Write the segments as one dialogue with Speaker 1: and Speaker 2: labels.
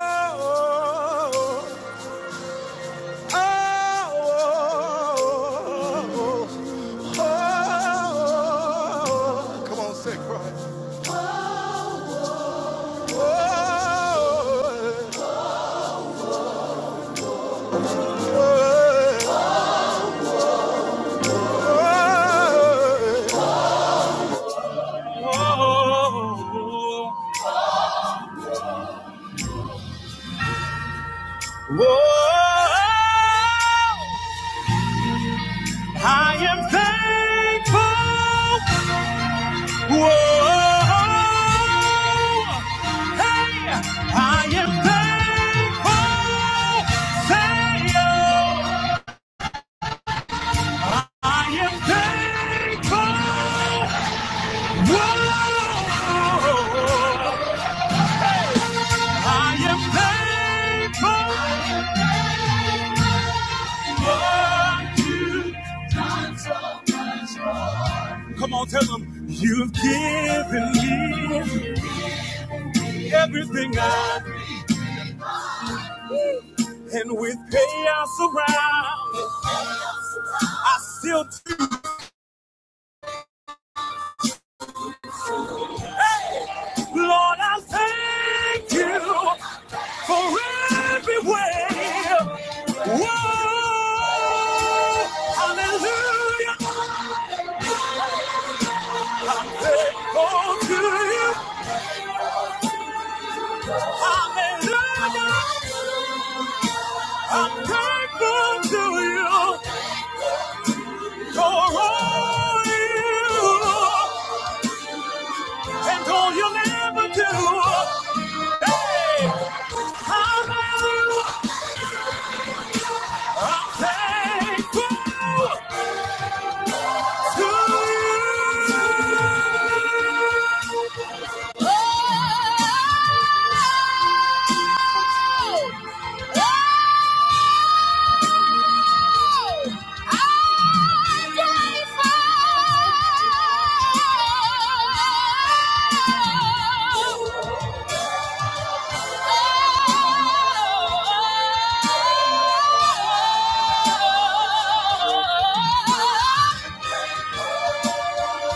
Speaker 1: Come on, say Christ. I am thankful. Whoa. I am thankful. Say, I am thankful. I am thankful. Come on, tell them you've given me everything I and with chaos around. Still, too, Lord, I thank you for everywhere. Whoa, hallelujah, oh, to you, hallelujah. I'm thankful to you for all you and all you'll ever do. Hey, I'm ever thankful to you. Oh, oh,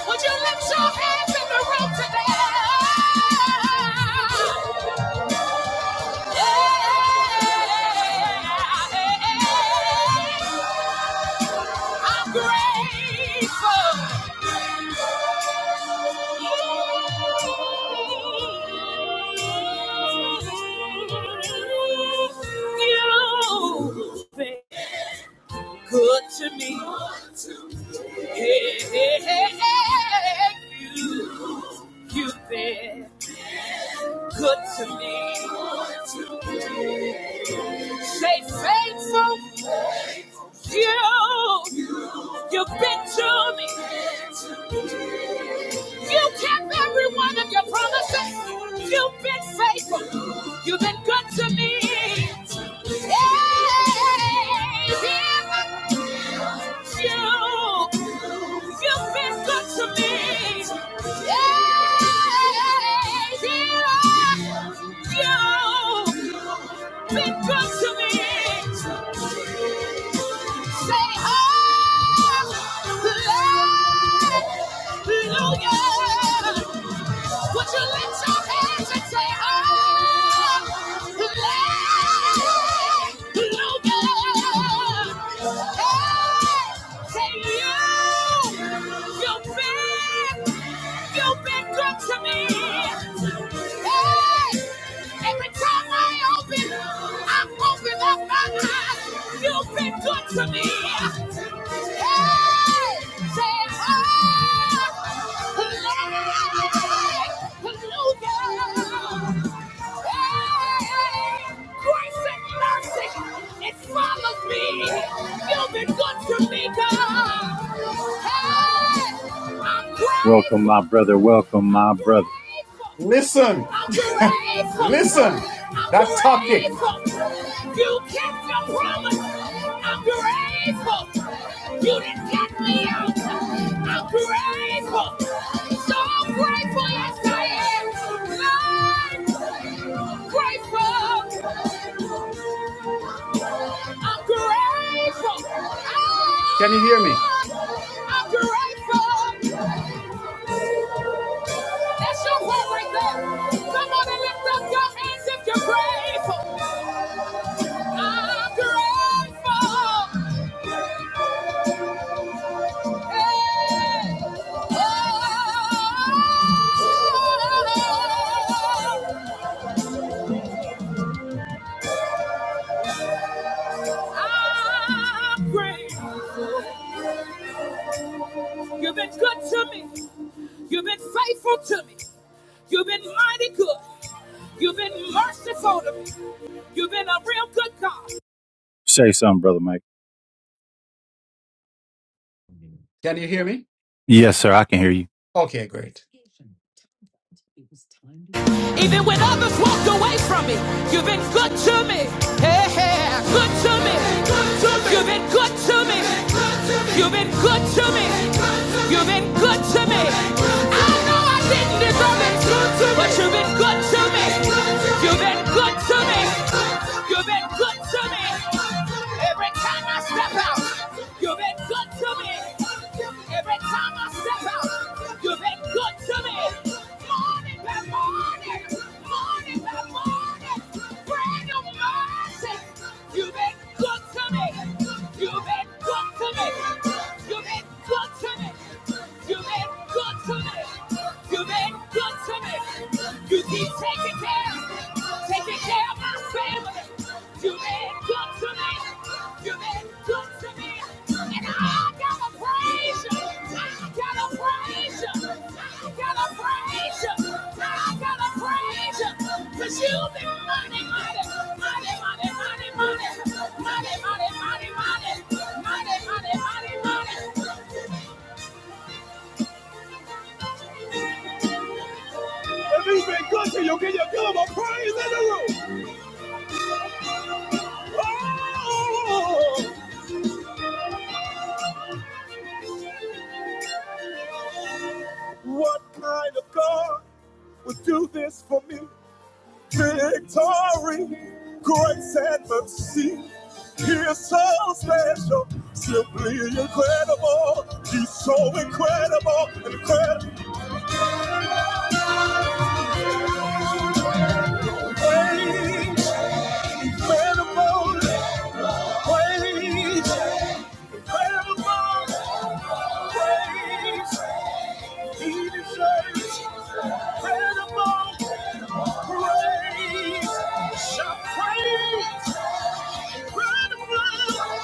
Speaker 1: Would you lift your hands in the room today? Yeah. I'm grateful. You've been good to me. Hey, hey, hey, hey. You, you've been good to me. Say faithful. You, you've been to me. You kept every one of your promises. You've been faithful. You've been good to me. Hey, give you. You've been good to me. Hey, give you. You've been good to me. Say hallelujah. Would you lift your hands and say, Oh, let no Hey, say you, you've been, you've been good to me. Hey! Every time I open, I open up my eyes. You've been good to me. Hey! Say, oh, hallelujah. Hey! Grace and mercy, it follows me. You've been good to me, God. Hey! I'm Welcome, my brother. grateful.
Speaker 2: Listen,
Speaker 1: I'm grateful.
Speaker 2: listen.
Speaker 1: I'm
Speaker 2: That topic.
Speaker 1: grateful. You kept your promise. I'm grateful. You didn't get me out. I'm grateful. So grateful, yes I am. Lord, grateful. I'm grateful.
Speaker 2: Can you hear me?
Speaker 1: Ah, I'm grateful. That's your word right there. Come on and lift up your hands if you're grateful. I'm grateful. Hey. Oh, I'm grateful. You've been good to me. You've been faithful to me. You've been mighty good. You've been merciful to me. You've been a real good God. Say something, brother Mike.
Speaker 2: Can you hear me?
Speaker 1: Yes, sir. I can hear you.
Speaker 2: Okay, great.
Speaker 1: Even when others walked away from me, you've been good to me. Hey, hey, good to me. You've been good to me. You've been good to me. You've been good to me. I know I didn't deserve it, but you've been good to me. You've been good to me. You've been good to me. Every time I step out, you've been good good to me. Every time I step out, you've been good to me. Morning by morning, morning by morning, brand new mercy. You've been good to me. You've been good to me. You've been good to me. You've been good to me. You've been good to me. You keep taking care. Taking care of my family. You've been good to me. You've been good to me. And I gotta praise you. I gotta praise you. I gotta praise you. I gotta praise you. Cause you've been mighty, mighty, mighty, mighty, mighty, mighty, mighty, mighty, mighty, mighty, mighty, mighty, mighty, If he's been good to you, can you feel him a praise in the room? What kind of God would do this for me? Victory, grace and mercy. He's so special, simply incredible. He's so incredible, incredible. Praise, incredible, praise, incredible, praise. He deserves incredible praise. Shout praise, incredible.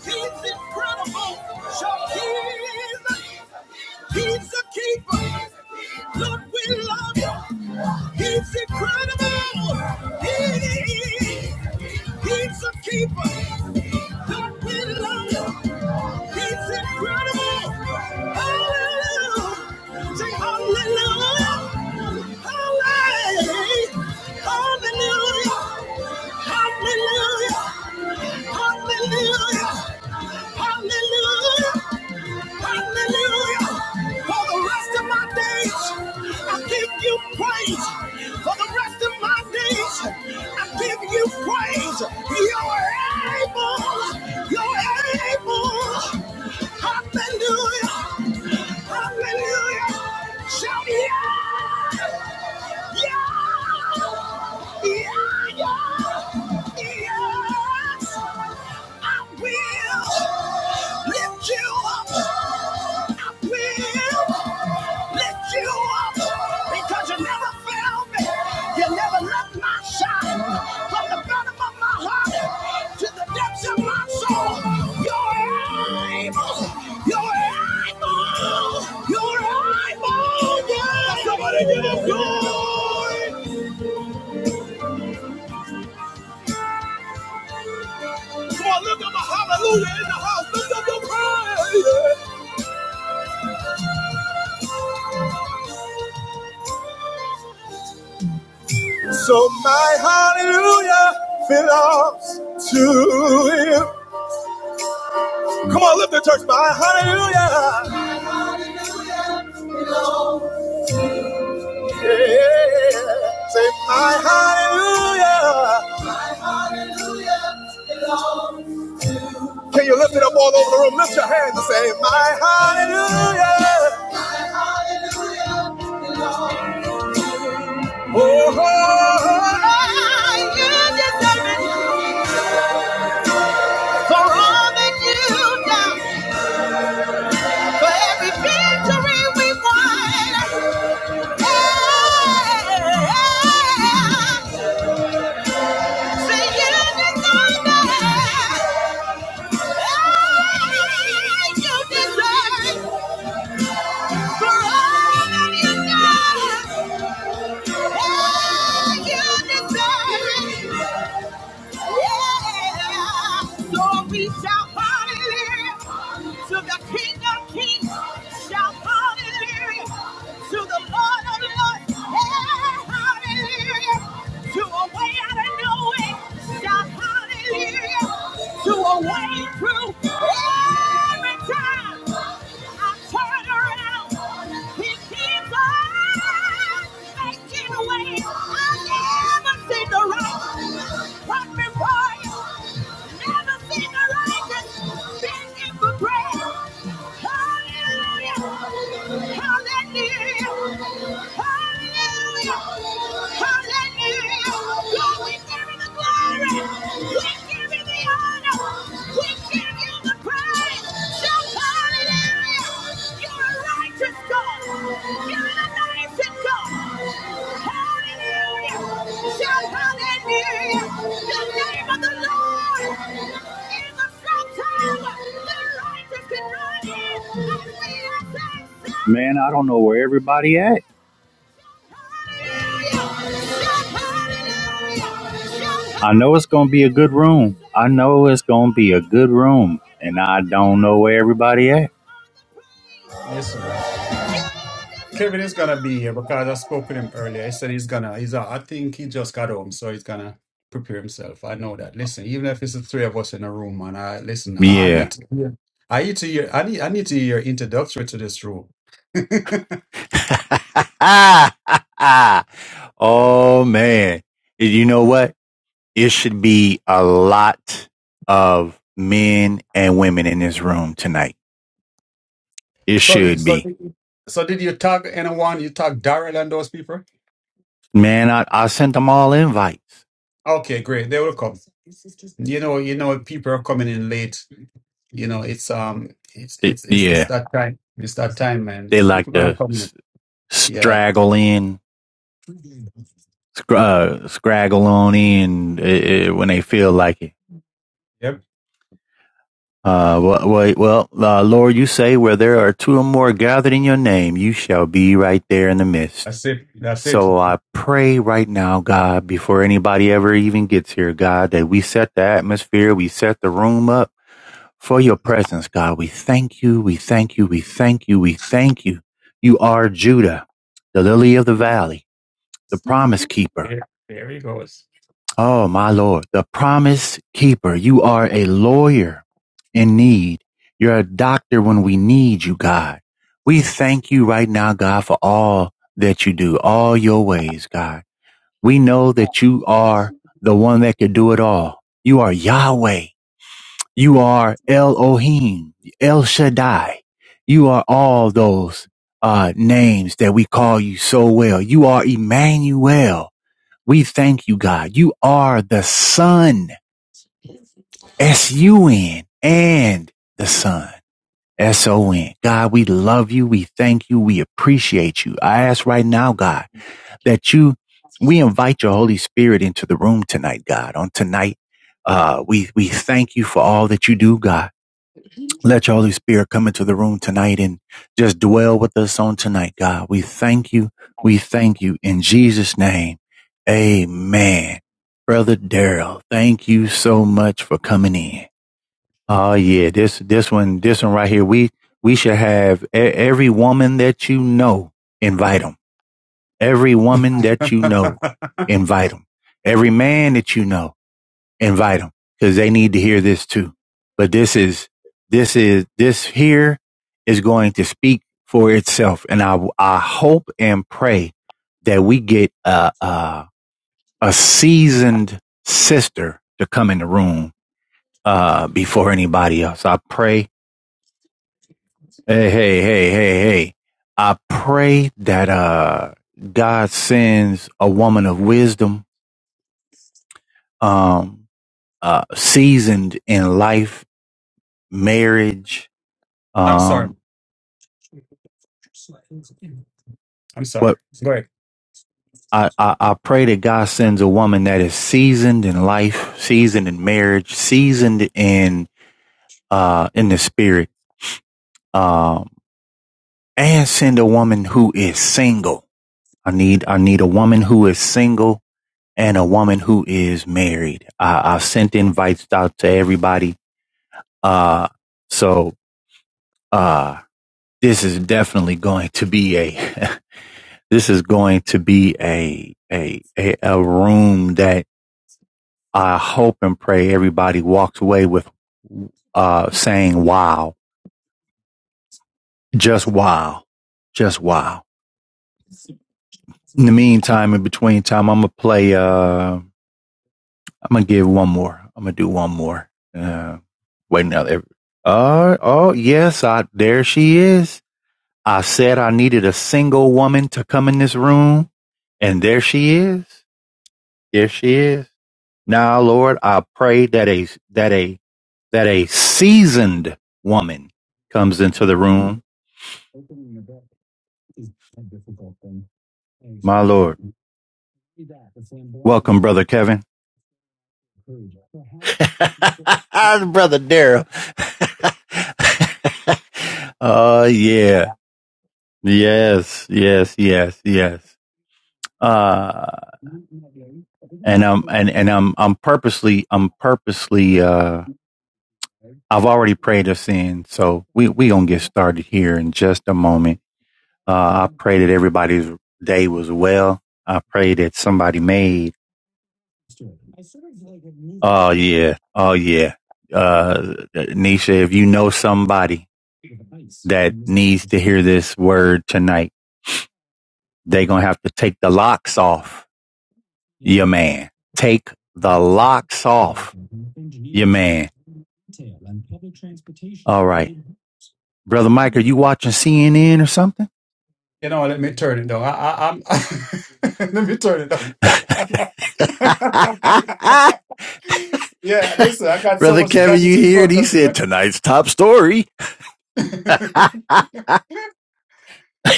Speaker 1: He's incredible. He's a keeper. Lord, we love you. He's incredible. He is. He's a keeper. Lord, we love you. He's incredible. Hallelujah. Say hallelujah. Hallelujah. Hallelujah. Hallelujah. Hallelujah. Hallelujah. Hallelujah. For the rest of my days, I give you praise. For the rest of my days, I give you praise. You're able. You're able. Hallelujah. Hallelujah. Shout yeah. Yeah. Yeah. Yeah. Yes. I will lift you up. I will. lift you up because you never failed me. You never left my side. From the bottom of my heart to the depths of my soul, you're able. You're able. You're able. Yeah. Somebody give him glory. Come on, look up my hallelujah in the house. Look up your praise. So my hallelujah belongs to you. Come on, lift the church. My hallelujah. Yeah. Say my hallelujah. My hallelujah belongs. Can you lift it up all over the room? Lift your hands and say my hallelujah. My hallelujah belongs. Oh, oh, oh, oh, you deserve it for all that you've done, for every victory we won. Hey, you deserve. Yeah, So we shout hallelujah to the King of Kings. Shout hallelujah to the Lord of Lords. yeah, hallelujah to a way out of no way. Shout hallelujah to a way through every time. I turn around. He keeps on making a way. I never seen the righteous run before you. Never seen the righteous begging for bread. Hallelujah. Hallelujah. Hallelujah. Hallelujah. God, we give you the glory. Man, I don't know where everybody at. I know it's going to be a good room. I know it's going to be a good room. And I don't know where everybody at.
Speaker 2: Listen, Kevin is gonna be here because I spoke with him earlier. He said he's gonna. He's. uh, I think he just got home, so he's gonna prepare himself. I know that. Listen, even if it's the three of us in a room, man. I listen. I
Speaker 1: Yeah.
Speaker 2: need. To, Yeah. I need to hear. I need. I need to hear your introductory to this room.
Speaker 1: oh, man. You know what? It should be a lot of men and women in this room tonight. It
Speaker 2: So,
Speaker 1: should
Speaker 2: so,
Speaker 1: be.
Speaker 2: so did you tag anyone? You tag Daryl and those people?
Speaker 1: Man, I, I sent them all invites.
Speaker 2: Okay, great. They will come. You know, you know, people are coming in late. You know, it's um, it's
Speaker 1: Th-
Speaker 2: it's it's it's
Speaker 1: yeah.
Speaker 2: that time. It's that time, man.
Speaker 1: They like
Speaker 2: People gonna
Speaker 1: to
Speaker 2: come in.
Speaker 1: s-
Speaker 2: Yeah.
Speaker 1: straggle in scr- uh, scragglony and uh, uh, when they feel like it.
Speaker 2: Yep.
Speaker 1: Uh, well, well, well uh, Lord, you say where there are two or more gathered in your name, you shall be right there in the midst.
Speaker 2: That's it. That's it.
Speaker 1: So I pray right now, God, before anybody ever even gets here, God, that we set the atmosphere, we set the room up for your presence, God. We thank you, we thank you, we thank you, we thank you. You are Judah, the lily of the valley, the promise keeper
Speaker 2: There, there he goes.
Speaker 1: Oh, my Lord, the promise keeper. You are a lawyer in need. You're a doctor when we need you, God. We thank you right now, God, for all that you do, all your ways, God. We know that you are the one that could do it all. You are Yahweh. You are Elohim, El Shaddai. You are all those uh, names that we call you so well. You are Emmanuel. We thank you, God. You are the Son, S-U-N, and the Son, S-O-N. God, we love you. We thank you. We appreciate you. I ask right now, God, that you, we invite your Holy Spirit into the room tonight, God. On tonight, uh, we, we thank you for all that you do, God. Let your Holy Spirit come into the room tonight and just dwell with us on tonight, God. We thank you. We thank you in Jesus' name. Amen. Brother Daryl, thank you so much for coming in. Oh yeah, this this one this one right here. We we should have e- every woman that you know invite them. Every woman that you
Speaker 2: I'm
Speaker 1: know invite them. Every man that you know invite them because they need to hear this too. But this is, this is, this here is going to speak for itself. And I, I hope and pray that we get a, a, a seasoned sister to come in the room, uh, before anybody else. I pray. Hey, hey, hey, hey, hey. I pray that, uh, God sends a woman of wisdom, um, uh, seasoned in life, marriage, Um,
Speaker 2: sorry. I'm sorry.
Speaker 1: but
Speaker 2: Go ahead.
Speaker 1: I, I, I pray that God sends a woman that is seasoned in life, seasoned in marriage, seasoned in, uh, in the spirit. Um, and send a woman who is single. I need, I need a woman who is single and a woman who is married. I, I sent invites out to everybody. Uh, so, uh, this is definitely going to be a, this is going to be a, a, a, a room that I hope and pray everybody walks away with uh, saying, wow, just wow, just wow. In the meantime, in between time, I'm going to play, uh, I'm going to give one more. I'm going to do one more. Uh, wait now. Uh, oh, yes, I, there she is. I said I needed a single woman to come in this room, and there she is. There she is. Now, Lord, I pray that a, that a, that a seasoned woman comes into the room. My Lord. Welcome, Brother Kevin. Brother Daryl. oh yeah. Yes, yes, yes, yes. Uh, and I'm, and, and I'm, I'm purposely, I'm purposely, uh, I've already prayed us in. So we, we gonna get started here in just a moment. Uh, I pray that everybody's day was well. I pray that somebody made Oh yeah. Oh yeah. Uh, Nisha, if you know somebody that needs to hear this word tonight, they going to have to take the locks off your man. Take the locks off your man. All right. Brother Mike, are you watching CNN or something?
Speaker 2: You know, what, let me turn it down. I, I, I'm. let me turn it down. yeah. Listen, I got so
Speaker 1: Brother
Speaker 2: much
Speaker 1: Kevin,
Speaker 2: gadgets
Speaker 1: you
Speaker 2: in
Speaker 1: hear it?
Speaker 2: front
Speaker 1: He
Speaker 2: of me,
Speaker 1: said
Speaker 2: man.
Speaker 1: tonight's top story.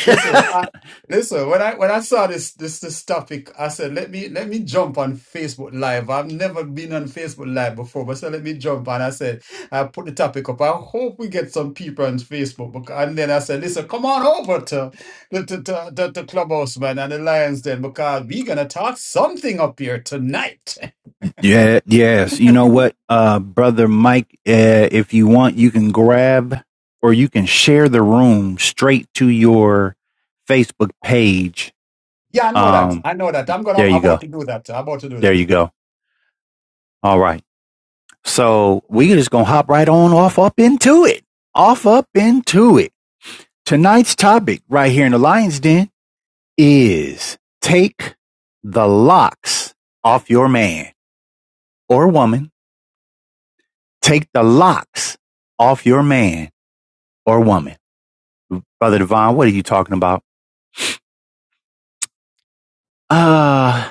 Speaker 2: Listen, I listen. When I when I saw this this this topic, I said let me let me jump on Facebook Live. I've never been on Facebook Live before, but so let me jump on. I said I put the topic up. I hope we get some people on Facebook. Because, and then I said, listen, come on over to the to, to, to, to Clubhouse man and the Lions Den because we're gonna talk something up here tonight.
Speaker 1: Yeah, yes. You know what, uh, brother Mike, uh, if you want, you can grab or you can share the room straight to your Facebook page.
Speaker 2: Yeah, I know that.
Speaker 1: Um,
Speaker 2: I know that. I'm gonna
Speaker 1: there
Speaker 2: I'm
Speaker 1: you
Speaker 2: about
Speaker 1: go.
Speaker 2: to do that. I'm About to do
Speaker 1: There
Speaker 2: that.
Speaker 1: you go. All right. So we just gonna hop right on off up into it. Off up into it. Tonight's topic right here in the Lion's Den is take the locks off your man or woman. Take the locks off your man or woman. Brother Devon, what are you talking about? Uh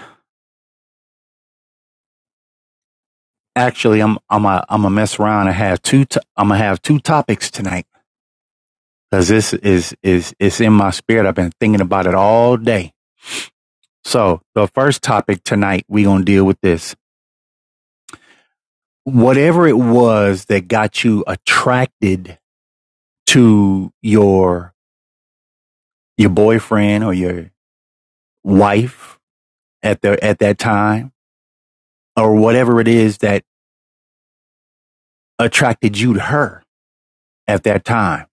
Speaker 1: actually I'm I'm a I'm a mess around and have two to, I'm gonna have two topics tonight. Cause this is is it's in my spirit. I've been thinking about it all day. So the first topic tonight, we're gonna deal with this. Whatever it was that got you attracted to your your boyfriend or your wife at the at that time, or whatever it is that attracted you to her at that time,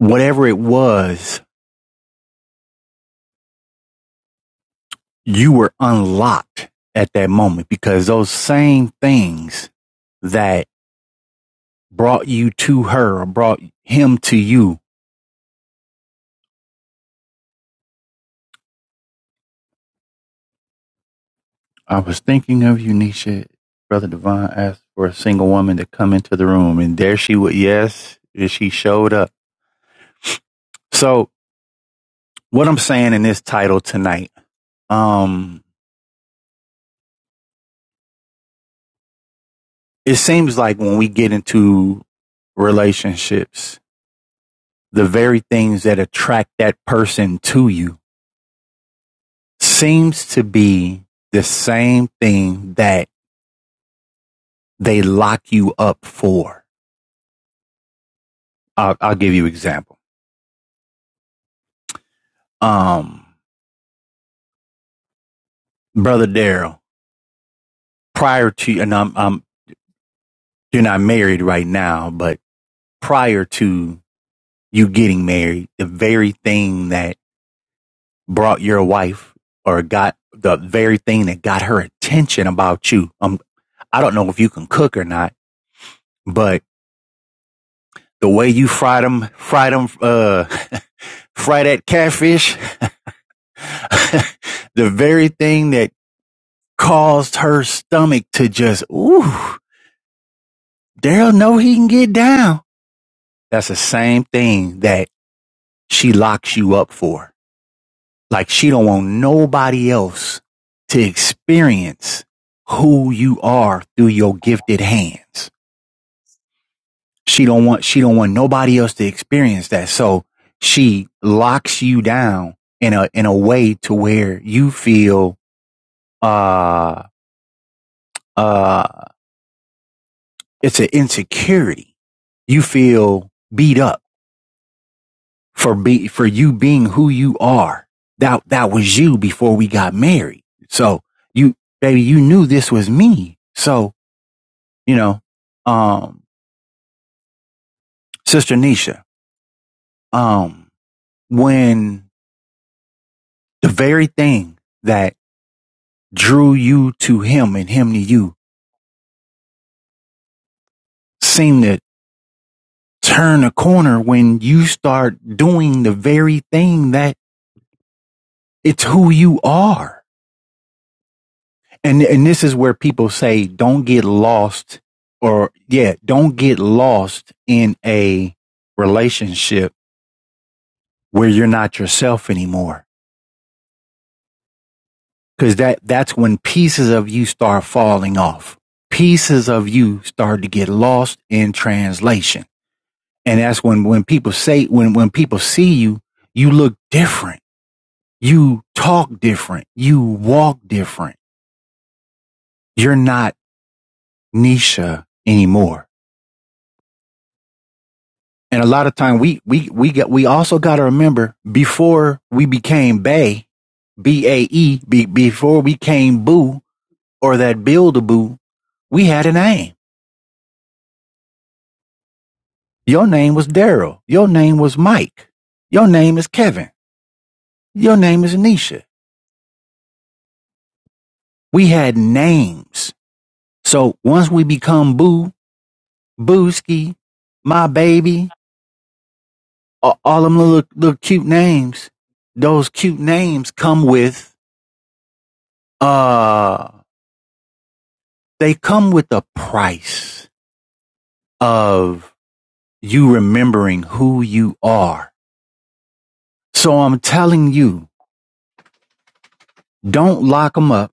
Speaker 1: whatever it was you were unlocked at that moment because those same things that brought you to her or brought him to you. I was thinking of you, Nisha. Brother Divine asked for a single woman to come into the room, and there she was. Yes, she showed up. So, what I'm saying in this title tonight, um, it seems like when we get into relationships, the very things that attract that person to you seems to be the same thing that they lock you up for. I'll, I'll give you an example. Um, brother Daryl, prior to and I'm, I'm you're not married right now, but prior to you getting married, the very thing that brought your wife or got the very thing that got her attention about you. Um, I don't know if you can cook or not, but the way you fried them, fried them, uh, fry that catfish the very thing that caused her stomach to just, ooh, Daryl know he can get down. That's the same thing that she locks you up for. Like she don't want nobody else to experience who you are through your gifted hands. She don't want, she don't want nobody else to experience that. So she locks you down in a, in a way to where you feel, uh, uh, It's an insecurity. You feel beat up for be, for you being who you are. That, that was you before we got married. So you, baby, you knew this was me. So, you know, um, sister Nisha, um, when the very thing that drew you to him and him to you seemed to turn a corner when you start doing the very thing that it's who you are. and and this is where people say don't get lost or yeah don't get lost in a relationship where you're not yourself anymore because that that's when pieces of you start falling off pieces of you start to get lost in translation and that's when when people say when when people see you you look different you talk different you walk different you're not nisha anymore And a lot of time we we we got we also got to remember before we became Bay B A E be, before we came Boo or that Build a Boo, we had a name. Your name was Daryl. Your name was Mike. Your name is Kevin. Your name is Anisha. We had names. So once we become Boo, Booski, my baby, a- all them little little cute names, those cute names come with uh they come with a price of you remembering who you are. So I'm telling you, don't lock them up.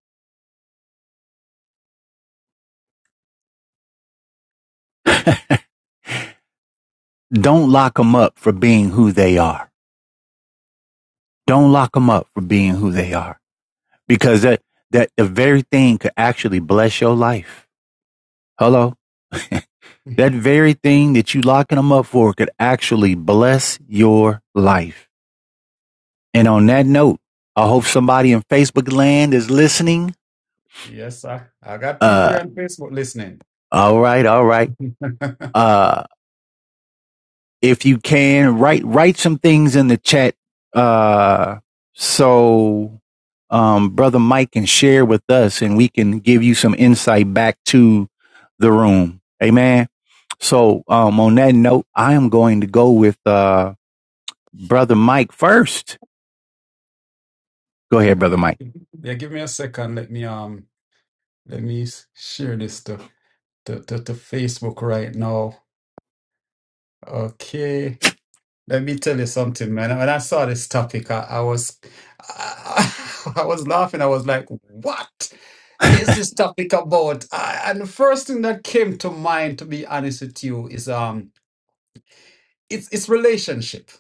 Speaker 1: Don't lock them up for being who they are. Don't lock them up for being who they are because that, that the very thing could actually bless your life. Hello. That very thing that you locking them up for could actually bless your life. And on that note, I hope somebody in Facebook land is listening.
Speaker 2: yes, sir. I got people
Speaker 1: Uh,
Speaker 2: on Facebook listening.
Speaker 1: all right. All right. Uh, if you can write write some things in the chat uh so um brother mike can share with us and we can give you some insight back to the room amen so um on that note i am going to go with uh brother mike first go ahead brother
Speaker 2: Uh,
Speaker 1: mike
Speaker 2: yeah, give me a second. Let me um, let me s- share this stuff. to, to, to Facebook right now. Okay. Let me tell you something, man. When I saw this topic, I, I was I, was laughing. I was like, what is this topic about? I, and the first thing that came to mind, to be honest with you, is um it's it's relationship.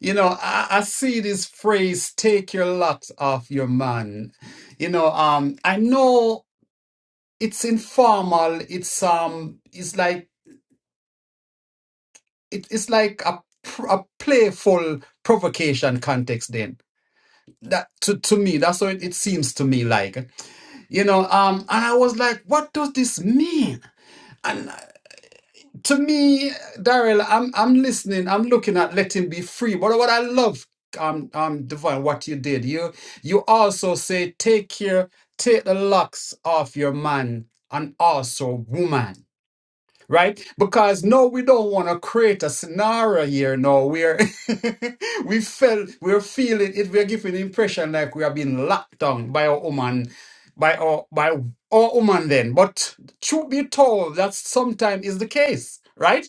Speaker 2: You know, I, I see this phrase, take your lot off your man. You know, um I know it's informal, it's um it's like it, it's like a pr- a playful provocation context then that to, to me that's what it, it seems to me like you know um and i was like what does this mean and uh, to me daryl i'm i'm listening i'm looking at let him be free but what i love um um divine what you did you you also say take care take the locks off your man and also woman right? Because no, we don't want to create a scenario here. No, we're we felt we're feeling it. We're giving the impression like we are being locked down by our woman, by our by our woman. Then, but truth be told, that sometimes is the case, right?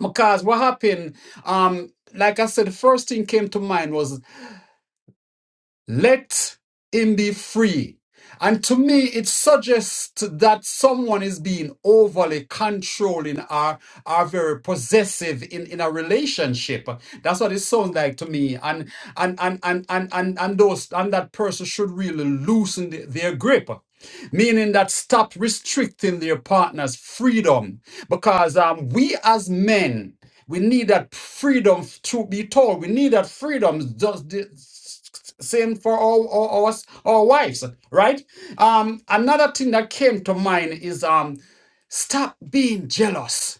Speaker 2: Because what happened, um, like I said, the first thing came to mind was let him be free. And to me, it suggests that someone is being overly controlling or, or very possessive in, in a relationship. That's what it sounds like to me. And and and and and and, and those and that person should really loosen the- their grip. Meaning that stop restricting their partner's freedom. Because um, we as men we need that freedom to be told. We need that freedom. Just the same for all our, our, our our wives, right? Um, another thing that came to mind is um, stop being jealous.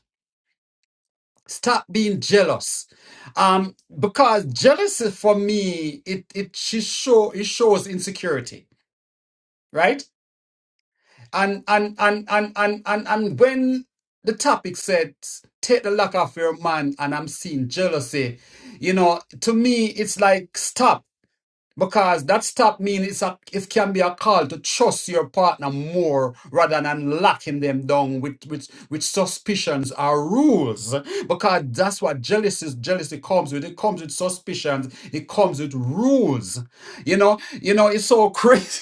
Speaker 2: Stop being jealous. Um, because jealousy for me, it it she show it shows insecurity, right? And and and and and and and when the topic said take the luck off your man and I'm seeing jealousy, you know, to me it's like stop because that stop means it's a it can be a call to trust your partner more rather than locking them down with with with suspicions or rules because that's what jealousy jealousy comes with it comes with suspicions it comes with rules you know you know it's so crazy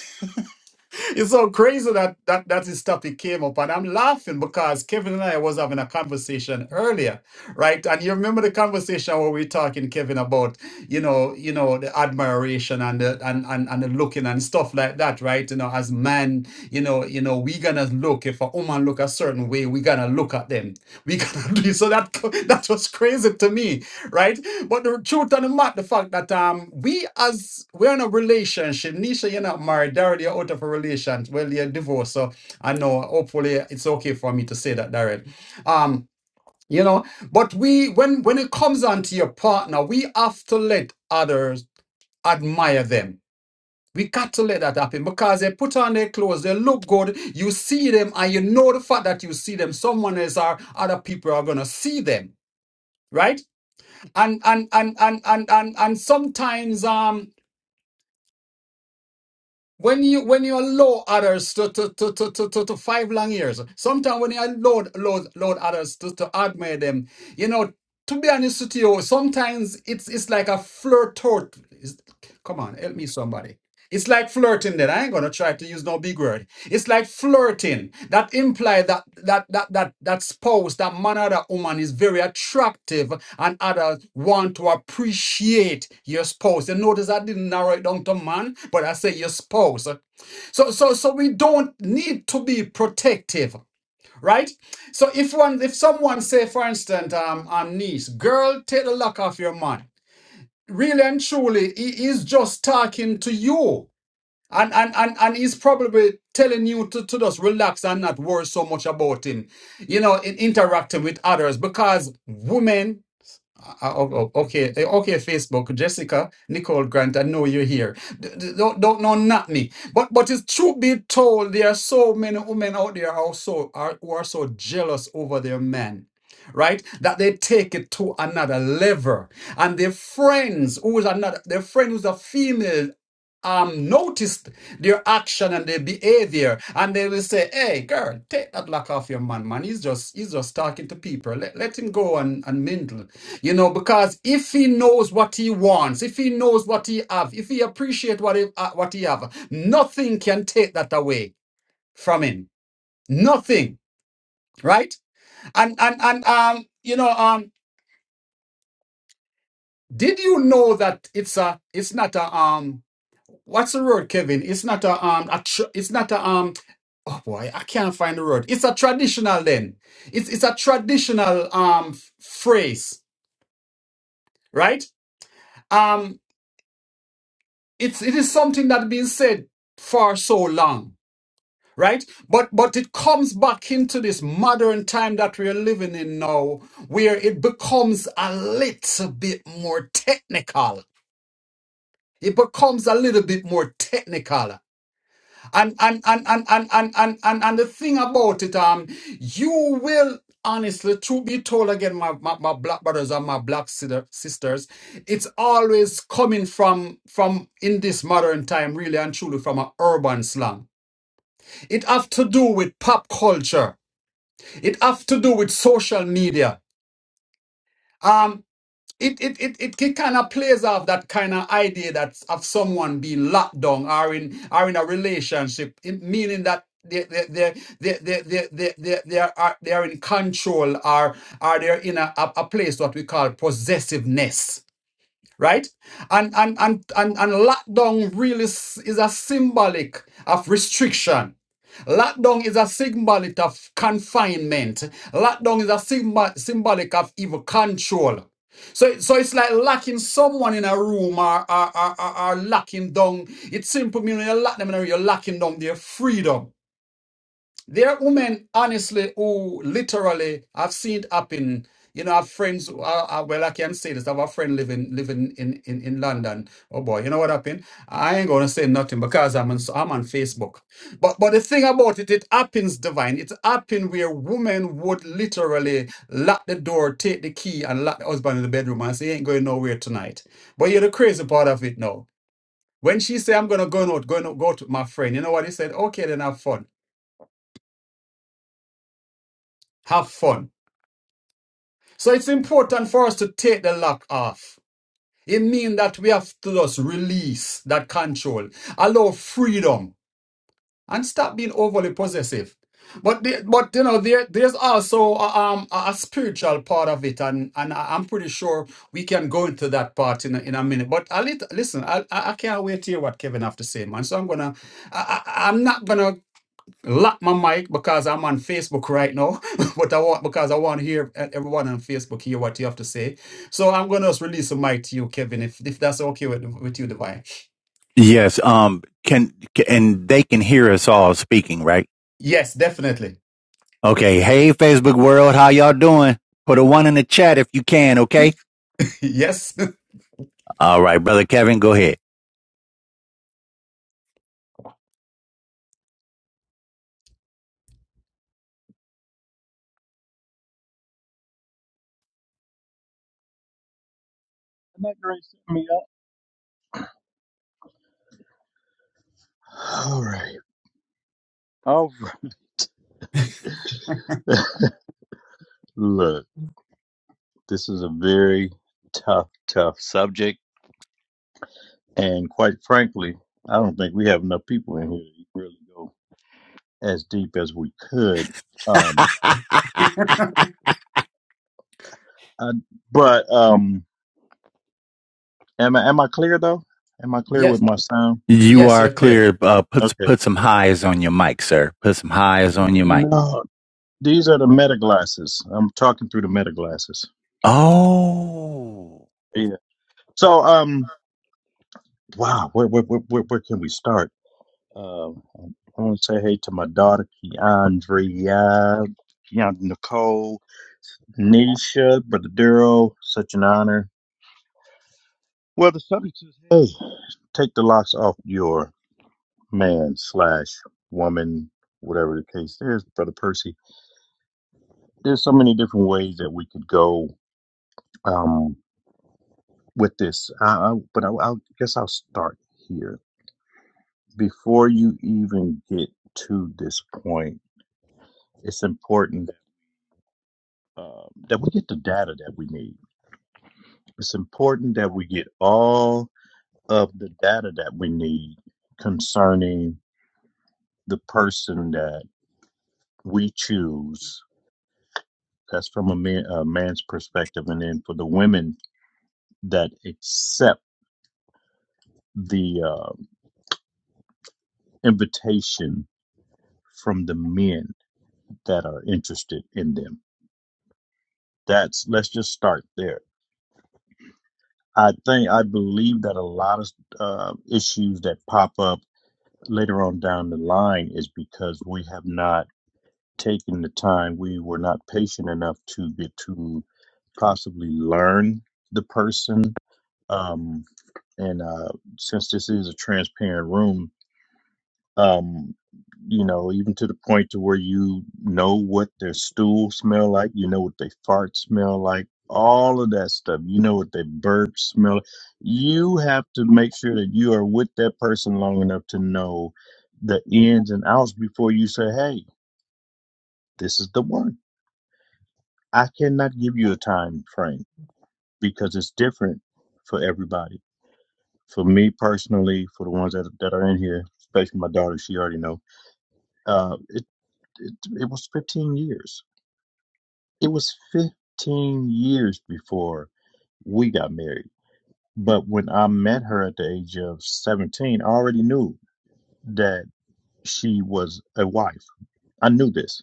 Speaker 2: it's so crazy that, that that is stuff. topic came up and i'm laughing because kevin and i was having a conversation earlier right and you remember the conversation where we were talking kevin about you know you know the admiration and the and, and and the looking and stuff like that right you know as men you know you know we gonna look if a woman look a certain way we gonna look at them we gonna do so that co- that was crazy to me right? But the truth on the matter, the fact that um we as we're in a relationship, Nisha, you're not married, Daryl, you're out of a relation, well, you're divorced, so I know hopefully it's okay for me to say that, Daryl. Um, you know, but we when when it comes on to your partner, we have to let others admire them. We got to let that happen because they put on their clothes, they look good, you see them, and you know the fact that you see them, someone else or other people are gonna see them, right? and and and and and and, and sometimes um when you when you allow others to to to to to, to, to five long years sometimes when you load load load others to to admire them you know to be honest with you sometimes it's it's like a flirt come on help me somebody it's like flirting that i ain't gonna try to use no big word it's like flirting. That implies that that that that that spouse, that man or that woman is very attractive, and others want to appreciate your spouse. You notice I didn't narrow it down to man, but I say your spouse. So so so we don't need to be protective, right? So if one if someone say, for instance, um, um niece, girl, take the lock off your man. Really and truly, he is just talking to you and and and and he's probably telling you to, to just relax and not worry so much about him, you know, in interacting with others because women uh, uh, oh, oh, okay, eh, okay, Facebook, Jessica, Nicole Grant, I know you're here. D- d- don't don't know not me, but but it's true be told, there are so many women out there are so are who are so jealous over their men, right? That they take it to another level, and their friends who is another their friend who's a female um noticed their action and their behavior and they will say hey girl take that lock off your man man he's just he's just talking to people let, let him go and, and mingle you know, because if he knows what he wants, if he knows what he have, if he appreciate what he, uh, what he have, nothing can take that away from him. Nothing, right? And and and um, you know, um, did you know that it's a, it's not a um, what's the word, Kevin? It's not a um, a tr- it's not a um. Oh boy, I can't find the word. It's a traditional then. It's it's a traditional um phrase, right? Um. it's it is something that been said for so long right but but it comes back into this modern time that we're living in now where it becomes a little bit more technical it becomes a little bit more technical and and and and and and and and, and the thing about it, um, you will honestly, to be told again, my, my, my black brothers and my black sister- sisters, it's always coming from from in this modern time, really and truly, from an urban slang. It have to do with pop culture. It have to do with social media. Um, it it it, it, it kind of plays off that kind of idea that of someone being locked down or in or in a relationship, it, meaning that they they they they they they they they they are they are in control or are they in a, a a place what we call possessiveness right? And and and and, and lockdown really s- is a symbolic of restriction. Lockdown is a symbolic of confinement. Lockdown is a symbol, symbolic of evil control. So, so it's like locking someone in a room or, or, or, or, or locking down. It simply means you lock them in a room, you're locking down their freedom. There are women, honestly, who literally I've seen it happen. You know, I have friends. Who are, are- well, I can say this. I have a friend living living in, in in London. Oh boy, you know what happened? I ain't gonna say nothing because I'm on s- I'm on Facebook. But but the thing about it, it happens, divine. It happened where women would literally lock the door, take the key, and lock the husband in the bedroom and say, "He ain't going nowhere tonight." But you're the crazy part of it now. When she said, "I'm gonna go out, going to go to my friend," you know what he said? Okay, then have fun. Have fun. So it's important for us to take the lock off. It means that we have to just release that control, allow freedom, and stop being overly possessive. But the, but you know there there's also a, um a spiritual part of it, and and I- am pretty sure we can go into that part in a, in a minute. But I lit, listen, I I can't wait to hear what Kevin have to say, man. So I'm gonna I- I'm not gonna lock my mic because I'm on Facebook right now. but I want because I want to hear e- everyone on Facebook hear what you have to say. So I'm gonna release the mic to you, Kevin, if if that's okay with, with you, Divine.
Speaker 1: yes um can and they can hear us all speaking right
Speaker 2: Yes, definitely.
Speaker 1: okay hey facebook world how y'all doing put a one in the chat if you can okay
Speaker 2: yes.
Speaker 1: all right brother kevin go ahead
Speaker 3: Isn't that great? Set me up. All right. All right. Look, this is a very tough, tough subject. And quite frankly, I don't think we have enough people in here to really go as deep as we could. Um, I, but um, am I am I clear though? Am I clear with
Speaker 2: Yes.
Speaker 3: my sound?
Speaker 1: You
Speaker 2: Yes,
Speaker 1: are
Speaker 2: you're clear.
Speaker 1: clear. Uh, put
Speaker 3: Okay.
Speaker 1: put some highs on your mic, sir. Put some highs on your mic.
Speaker 3: No, these are the meta glasses. I'm talking through the meta glasses.
Speaker 1: Oh,
Speaker 3: Yeah. So um, wow, where where where where, where can we start? Um, I want to say hey to my daughter, Keandria, Keandra Nicole, Nisha, Brother Duro. Such an honor. Well, the subject is hey, take the locks off your man slash woman, whatever the case is, Brother Percy. There's so many different ways that we could go um, with this, I, I, but I, I guess I'll start here. Before you even get to this point, it's important um, that we get the data that we need It's important that we get all of the data that we need concerning the person that we choose. That's from a, man, a man's perspective. And then for the women that accept the uh, invitation from the men that are interested in them. That's let's just start there. I think I believe that a lot of uh, issues that pop up later on down the line is because we have not taking the time. We were not patient enough to get to possibly learn the person. Um, and uh, since this is a transparent room, um, you know, even to the point to where you know what their stool smell like, you know what they fart smell like, all of that stuff. You know what they burp smell. like. You have to make sure that you are with that person long enough to know the ins and outs before you say, "Hey, this is the one." I cannot give you a time frame because it's different for everybody. For me personally, for the ones that, that are in here, especially my daughter, she already know. Uh, it, it it was 15 years. It was 15 years before we got married. But when I met her at the age of 17, I already knew that she was a wife. I knew this.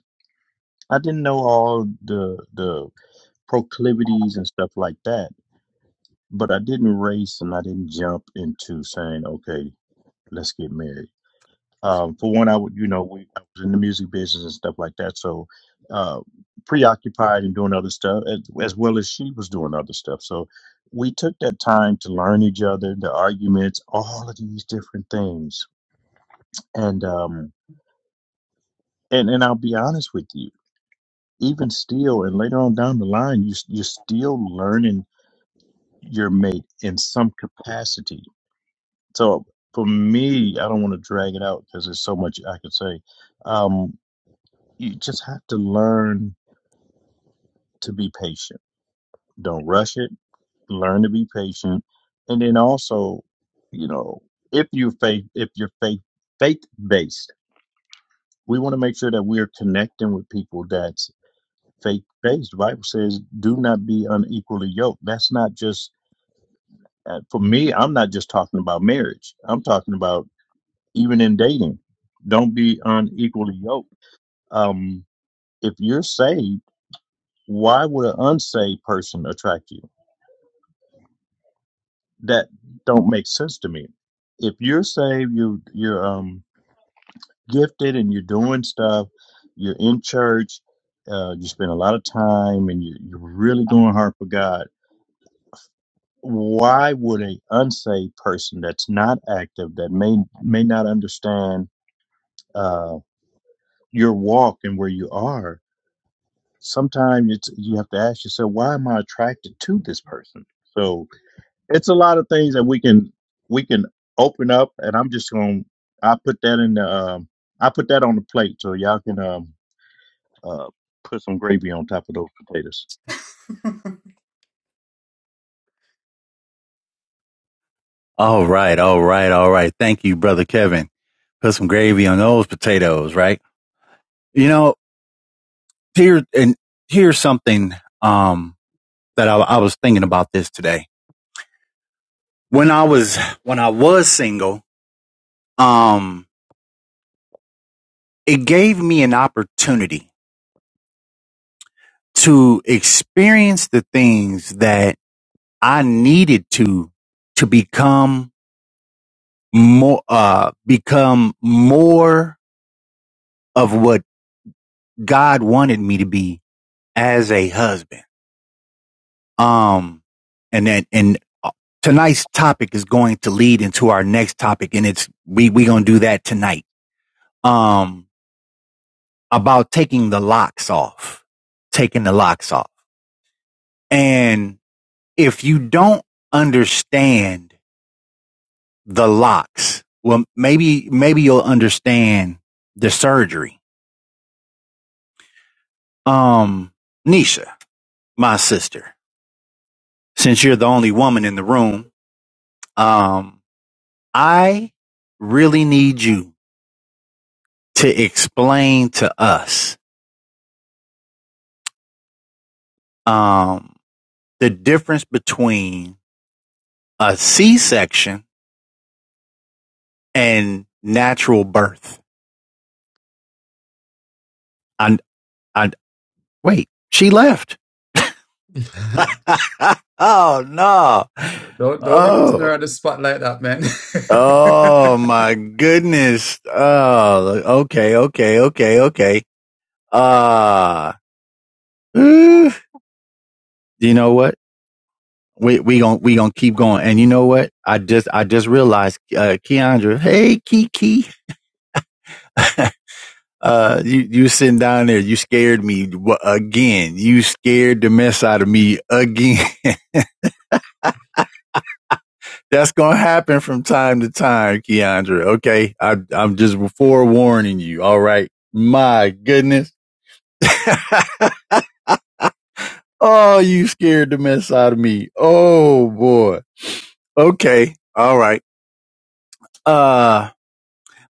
Speaker 3: I didn't know all the the proclivities and stuff like that but I didn't race and I didn't jump into saying, okay, let's get married. Um, for one, I would, you know, we, I was in the music business and stuff like that. So, uh, preoccupied and doing other stuff as, as well as she was doing other stuff. So we took that time to learn each other, the arguments, all of these different things. And, um, and, and I'll be honest with you, even still, and later on down the line, you, you're still learning your mate in some capacity So for me, I don't want to drag it out because there's so much I could say. Um, you just have to learn to be patient. Don't rush it. Learn to be patient, and then also, you know, if you faith if you're faith faith based, we want to make sure that we're connecting with people that's faith based. The Bible says, "Do not be unequally yoked." That's not just uh, for me. I'm not just talking about marriage. I'm talking about even in dating. Don't be unequally yoked Um, if you're saved, why would an unsaved person attract you? That don't make sense to me. If you're saved, you you're um gifted and you're doing stuff. You're in church. Uh, you spend a lot of time and you, you're really going hard for God. Why would a unsaved person that's not active, that may may not understand uh, your walk and where you are, sometimes it's you have to ask yourself, why am I attracted to this person? So it's a lot of things that we can we can open up and i'm just gonna i put that in the um i put that on the plate so y'all can um uh put some gravy on top of those potatoes
Speaker 1: all right, all right, all right. Thank you, brother Kevin. Put some gravy on those potatoes, right? You know, here and here's something um that I, I was thinking about this today. When I was when I was single, um, it gave me an opportunity to experience the things that I needed to to become more uh become more of what God wanted me to be as a husband. Um and then and uh, tonight's topic is going to lead into our next topic and it's we we going to do that tonight. Um about taking the locks off. Taking the locks off. And if you don't understand the locks, well maybe maybe you'll understand the surgery. Um Nisha my sister, since you're the only woman in the room, um, I really need you to explain to us um, the difference between a C-section and natural birth. And I, I wait, she left. oh no!
Speaker 2: don't don't be putting
Speaker 1: Oh.
Speaker 2: her on the spot like that, man.
Speaker 1: Oh my goodness. Oh, okay, okay, okay, okay. Uh, ooh. you know what? we we gon' we gonna keep going. And you know what? I just I just realized, uh, Keandra. Hey, Kiki. Uh, you you sitting down there? You scared me w- again. You scared the mess out of me again. That's gonna happen from time to time, Keandra. Okay, I, I'm just forewarning you. All right. My goodness. oh, you scared the mess out of me. Oh boy. Okay. All right. Uh,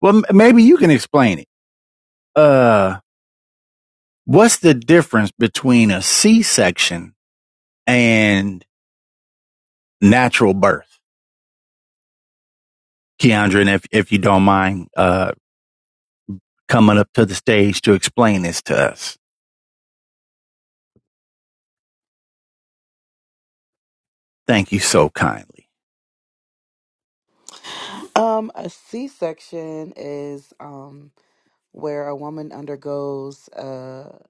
Speaker 1: well, m- maybe you can explain it. Uh. What's the difference between a C-section and natural birth? Keandra, and if, if you don't mind, uh, coming up to the stage to explain this to us. Thank you so kindly.
Speaker 4: Um, a C-section is um where a woman undergoes a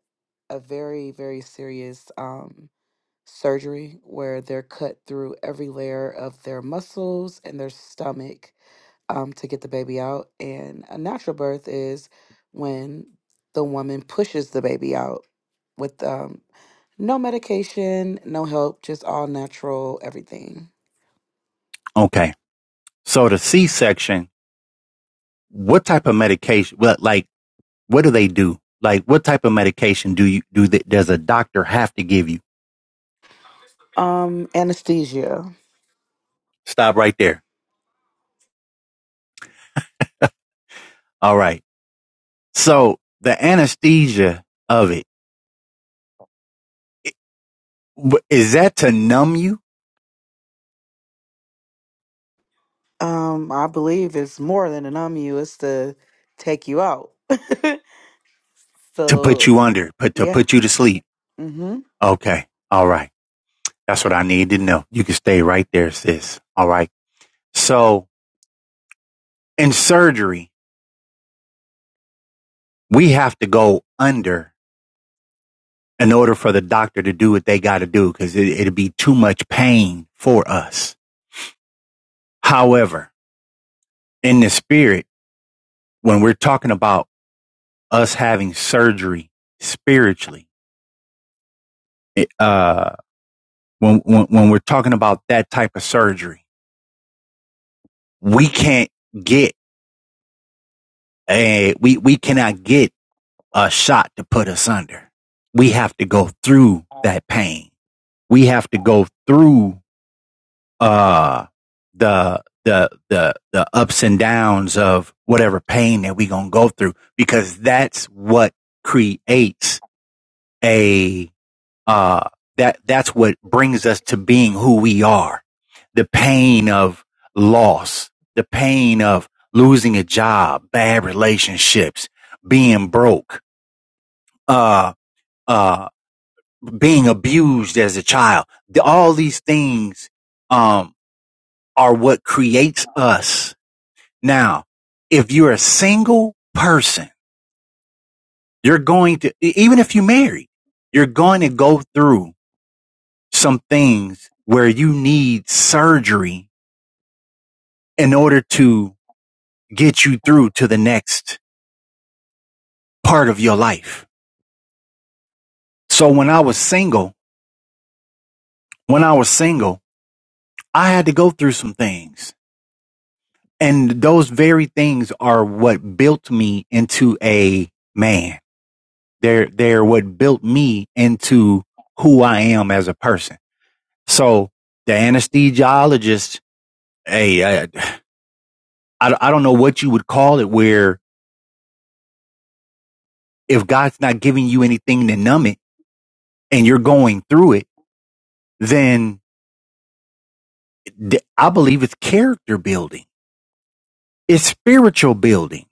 Speaker 4: a very very serious um surgery where they're cut through every layer of their muscles and their stomach um to get the baby out and a natural birth is when the woman pushes the baby out with um no medication, no help, just all natural everything.
Speaker 1: Okay. So the C-section, what type of medication, well, like, what do they do? Like, what type of medication do you, do that, does a doctor have to give you?
Speaker 4: Um, anesthesia.
Speaker 1: Stop right there. All right. So the anesthesia of it is that to numb you?
Speaker 4: Um, I believe it's more than a numb you, it's to take you out.
Speaker 1: To put
Speaker 4: so
Speaker 1: you under, put, to
Speaker 4: yeah.
Speaker 1: put you to sleep?
Speaker 4: Mm-hmm.
Speaker 1: Okay. All right. That's what I need to know. You can stay right there, sis. All right. So in surgery, we have to go under in order for the doctor to do what they got to do because it, it'd be too much pain for us. However, in the spirit, when we're talking about us having surgery spiritually, it, uh, when, when, when we're talking about that type of surgery, we can't get a, we, we cannot get a shot to put us under. We have to go through that pain. We have to go through uh the the the the ups and downs of whatever pain that we gonna go through because that's what creates a uh that that's what brings us to being who we are. The pain of loss, the pain of losing a job, bad relationships, being broke, uh uh, being abused as a child. The- all these things, um, are what creates us. Now, if you're a single person, you're going to, e- even if you married, you're going to go through some things where you need surgery in order to get you through to the next part of your life. So when I was single, when I was single, I had to go through some things and those very things are what built me into a man. They're they're what built me into who I am as a person. So the anesthesiologist, hey, I, I, I don't know what you would call it. Where if God's not giving you anything to numb it, and you're going through it, then th- I believe it's character building. It's spiritual building.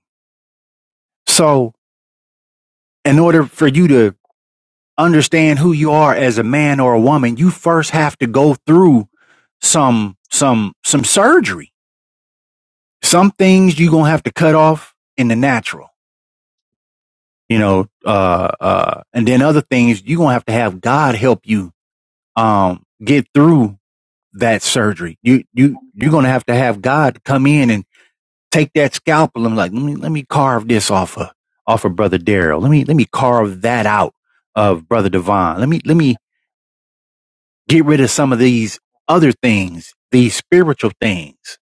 Speaker 1: So in order for you to understand who you are as a man or a woman, you first have to go through some some some surgery. Some things you're gonna have to cut off in the natural, you know, uh uh and then other things you're gonna have to have God help you um get through that surgery. You you you're gonna have to have God come in and take that scalpel and like, let me let me carve this off of off of Brother Daryl. Let me let me carve that out of Brother Devon. Let me let me get rid of some of these other things, these spiritual things.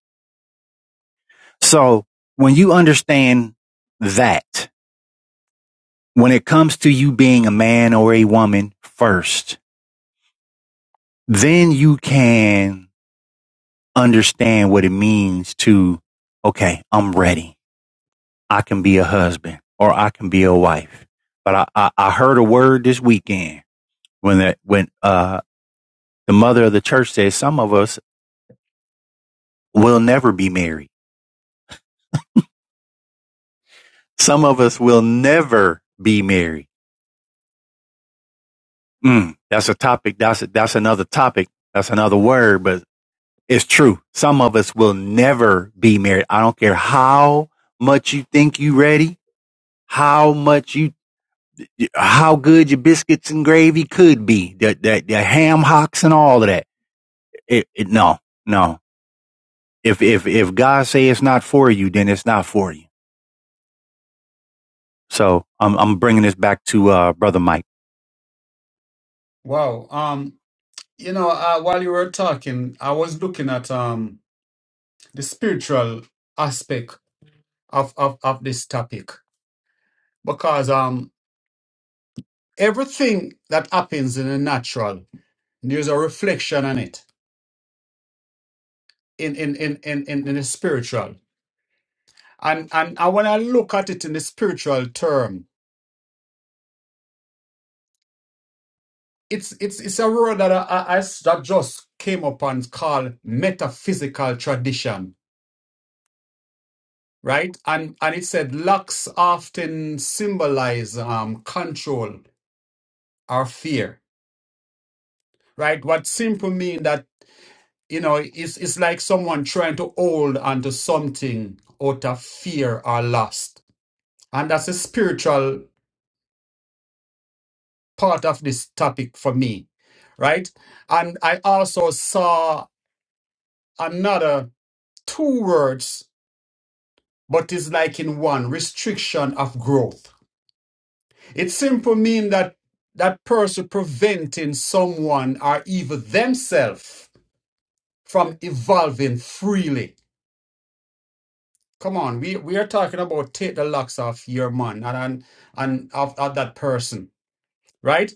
Speaker 1: So when you understand that, when it comes to you being a man or a woman first, then you can understand what it means to, okay, I'm ready. I can be a husband or I can be a wife. But I, I, I heard a word this weekend when that, when, uh, the mother of the church says some of us will never be married. Some of us will never be married Mm, that's a topic. That's a, that's another topic. That's another word, but it's true. Some of us will never be married. I don't care how much you think you ready, how much you, how good your biscuits and gravy could be, the the, the ham hocks and all of that. It, it, no, no. If if if God say it's not for you, then it's not for you. So I'm I'm bringing this back to uh, brother Mike.
Speaker 2: wow. Um, you know, uh, while you were talking, I was looking at um the spiritual aspect of of, of this topic because um everything that happens in the natural, there's a reflection on it in in in in in, in the spiritual. And and and when I look at it in the spiritual term, it's it's it's a word that I, I, I s- that just came upon called metaphysical tradition, right? And and it said locks often symbolize um control or fear, right? What simple mean that you know, it's it's like someone trying to hold onto something out of fear or lust. And that's a spiritual part of this topic for me, right? And I also saw another two words, but it's like in one restriction of growth. It simply means that that person preventing someone or even themselves from evolving freely Come on, we we are talking about take the locks off your man and and, and of, of that person, right?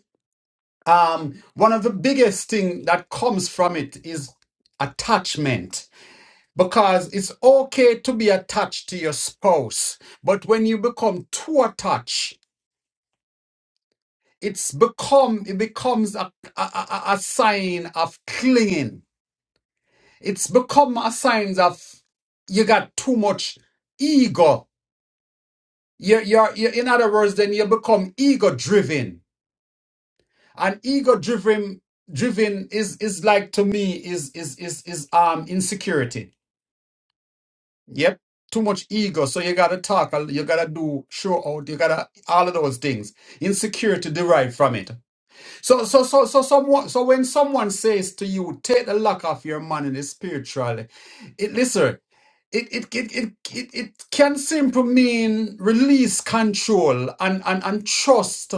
Speaker 2: Um, one of the biggest thing that comes from it is attachment because it's okay to be attached to your spouse, but when you become too attached, it's become it becomes a a, a a sign of clinging. It's become a sign of you got too much ego You're, you're, you're, in other words, then you become ego driven, and ego driven driven is is like to me is is is is um insecurity. Yep, too much ego. So you gotta talk, you gotta do show out, you gotta all of those things. Insecurity derived from it. So, so, so, so, someone, so when someone says to you, take the lock off your man in it spiritually, it listen, it, it, it, it, it, it can simply mean release control and, and, and trust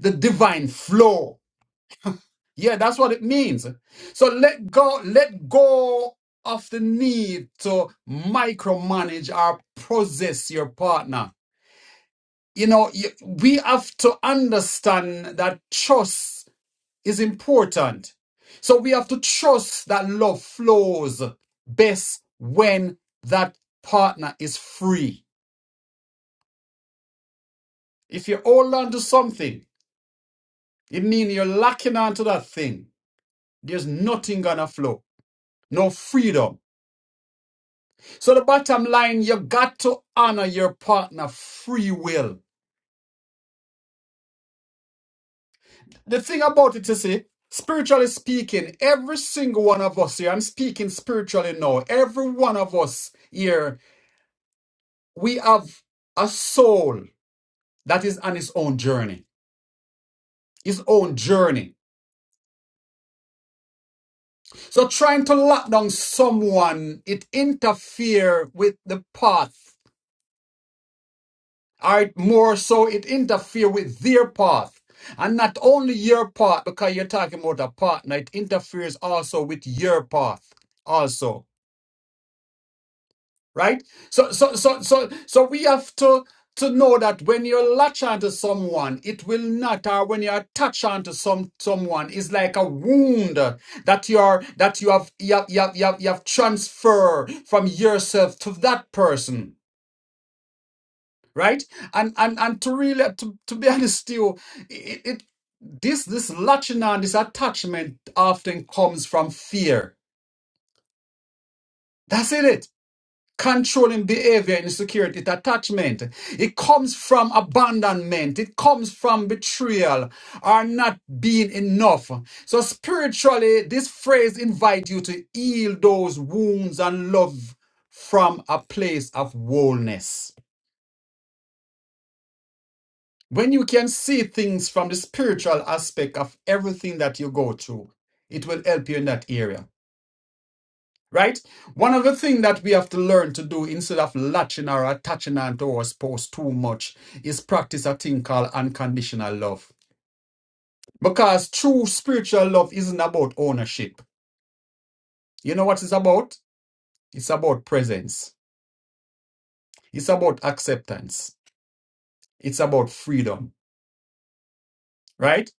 Speaker 2: the divine flow. Yeah, that's what it means. So let go, let go of the need to micromanage or possess your partner. You know, you- we have to understand that trust is important. So we have to trust that love flows best when that partner is free. If you hold on to something, it means you're locking onto that thing. There's nothing gonna flow. No freedom. So the bottom line, you got to honor your partner free will. The thing about it is, eh, spiritually speaking, every single one of us here, I'm speaking spiritually now, every one of us here, we have a soul. that is on his own journey. His own journey. So trying to lock down someone, it interfere with the path. All right, more so it interfere with their path. And not only your path, because you're talking about a partner, it interferes also with your path. Also. right so so so so so we have to to know that when you latch onto someone it will not or when you attach onto some someone it's like a wound that you're that you have you have, you have, you have, you have transfer from yourself to that person right and and and to really to, to be honest to you it, it this this latching on this attachment often comes from fear that's it controlling behavior and insecurity, it attachment. It comes from abandonment. It comes from betrayal or not being enough. So spiritually, this phrase invites you to heal those wounds and love from a place of wholeness. When you can see things from the spiritual aspect of everything that you go through, it will help you in that area. right? One of the things that we have to learn to do instead of latching or attaching onto our spouse too much is practice a thing called unconditional love. Because true spiritual love isn't about ownership. You know what it's about? It's about presence. It's about acceptance. It's about freedom, right?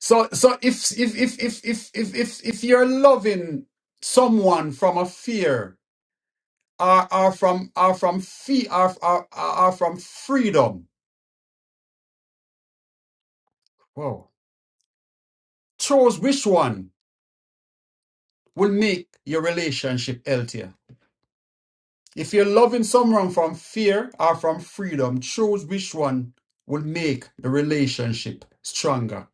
Speaker 2: So, so if if if if if if if, if you're loving someone from a fear, or, or from or from fear, or, or, or from freedom, Whoa. Choose which one will make your relationship healthier. If you're loving someone from fear or from freedom, choose which one will make the relationship stronger.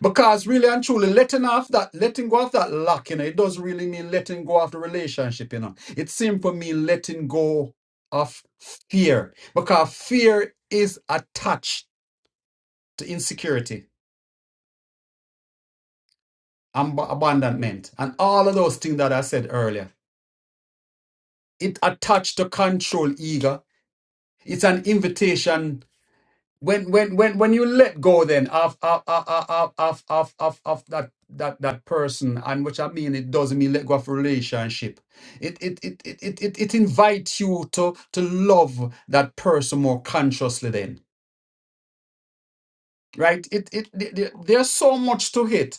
Speaker 2: Because really and truly, letting off that, letting go of that lock, you know, it doesn't really mean letting go of the relationship, you know. It simply means letting go of fear. Because fear is attached to insecurity and ab- abandonment and all of those things that I said earlier. it attached to control eager. It's an invitation. When when when when you let go then of of of of of of, of, of that that that person and which I mean it doesn't mean let go of relationship. It it it it it, it it invites you to to love that person more consciously then. Right? It it, it there's so much to it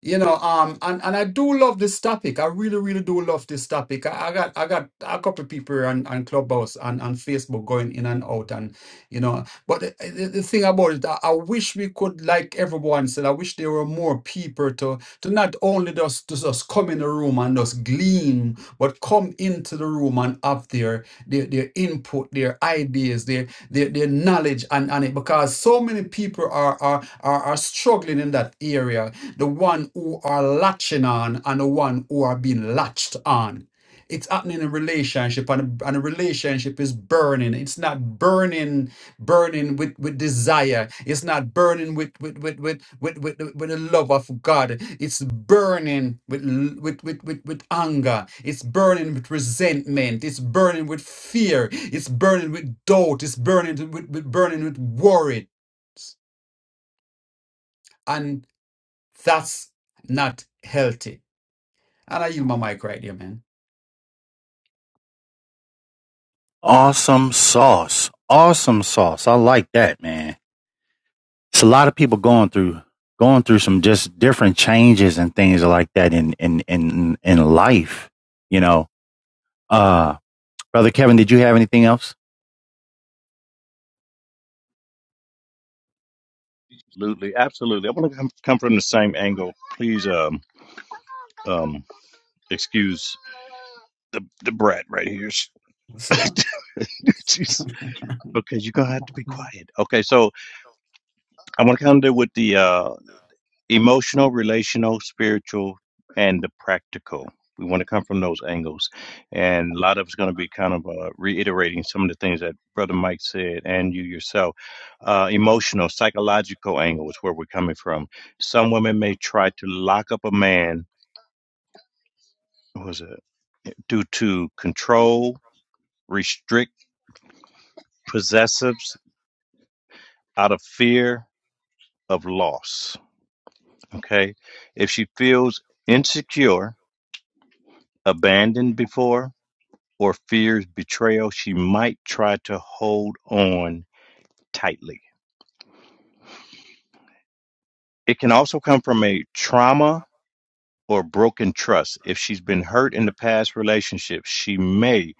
Speaker 2: You know, um, and, and I do love this topic. I really, really do love this topic. I, I got I got a couple of people on, on Clubhouse and on Facebook going in and out, and you know. But the, the the thing about it, I, I wish we could, like everyone said, I wish there were more people to to not only just to just come in the room and just glean, but come into the room and have their their, their input, their ideas, their their, their knowledge, and and it because so many people are are are, are struggling in that area the one who are latching on and the one who are being latched on. It's happening in a relationship and a, and a relationship is burning. It's not burning, burning with, with desire. It's not burning with with with with with, with, the- with the love of God. It's burning with, l- with with with with anger. It's burning with resentment. It's burning with fear. It's burning with doubt. It's burning with, with burning with worry. And that's not healthy and I use my mic right there, man.
Speaker 1: Awesome sauce. Awesome sauce. I like that, man. it's a lot of people going through going through some just different changes and things like that in in in in life. You know, uh, brother Kevin, did you have anything else?
Speaker 3: absolutely absolutely i want to come, come from the same angle please um um excuse the the brat right here Jeez. because you're gonna have to be quiet okay so i want to come to with the uh emotional, relational, spiritual, and the practical. We want to come from those angles. And a lot of it's going to be kind of uh, reiterating some of the things that Brother Mike said and you yourself. Uh, emotional, psychological angle is where we're coming from. Some women may try to lock up a man, what was it, due to control, restrict possessives out of fear of loss. Okay. If she feels insecure, abandoned before, or fears betrayal, she might try to hold on tightly. It can also come from a trauma or broken trust. If she's been hurt in the past relationship, she may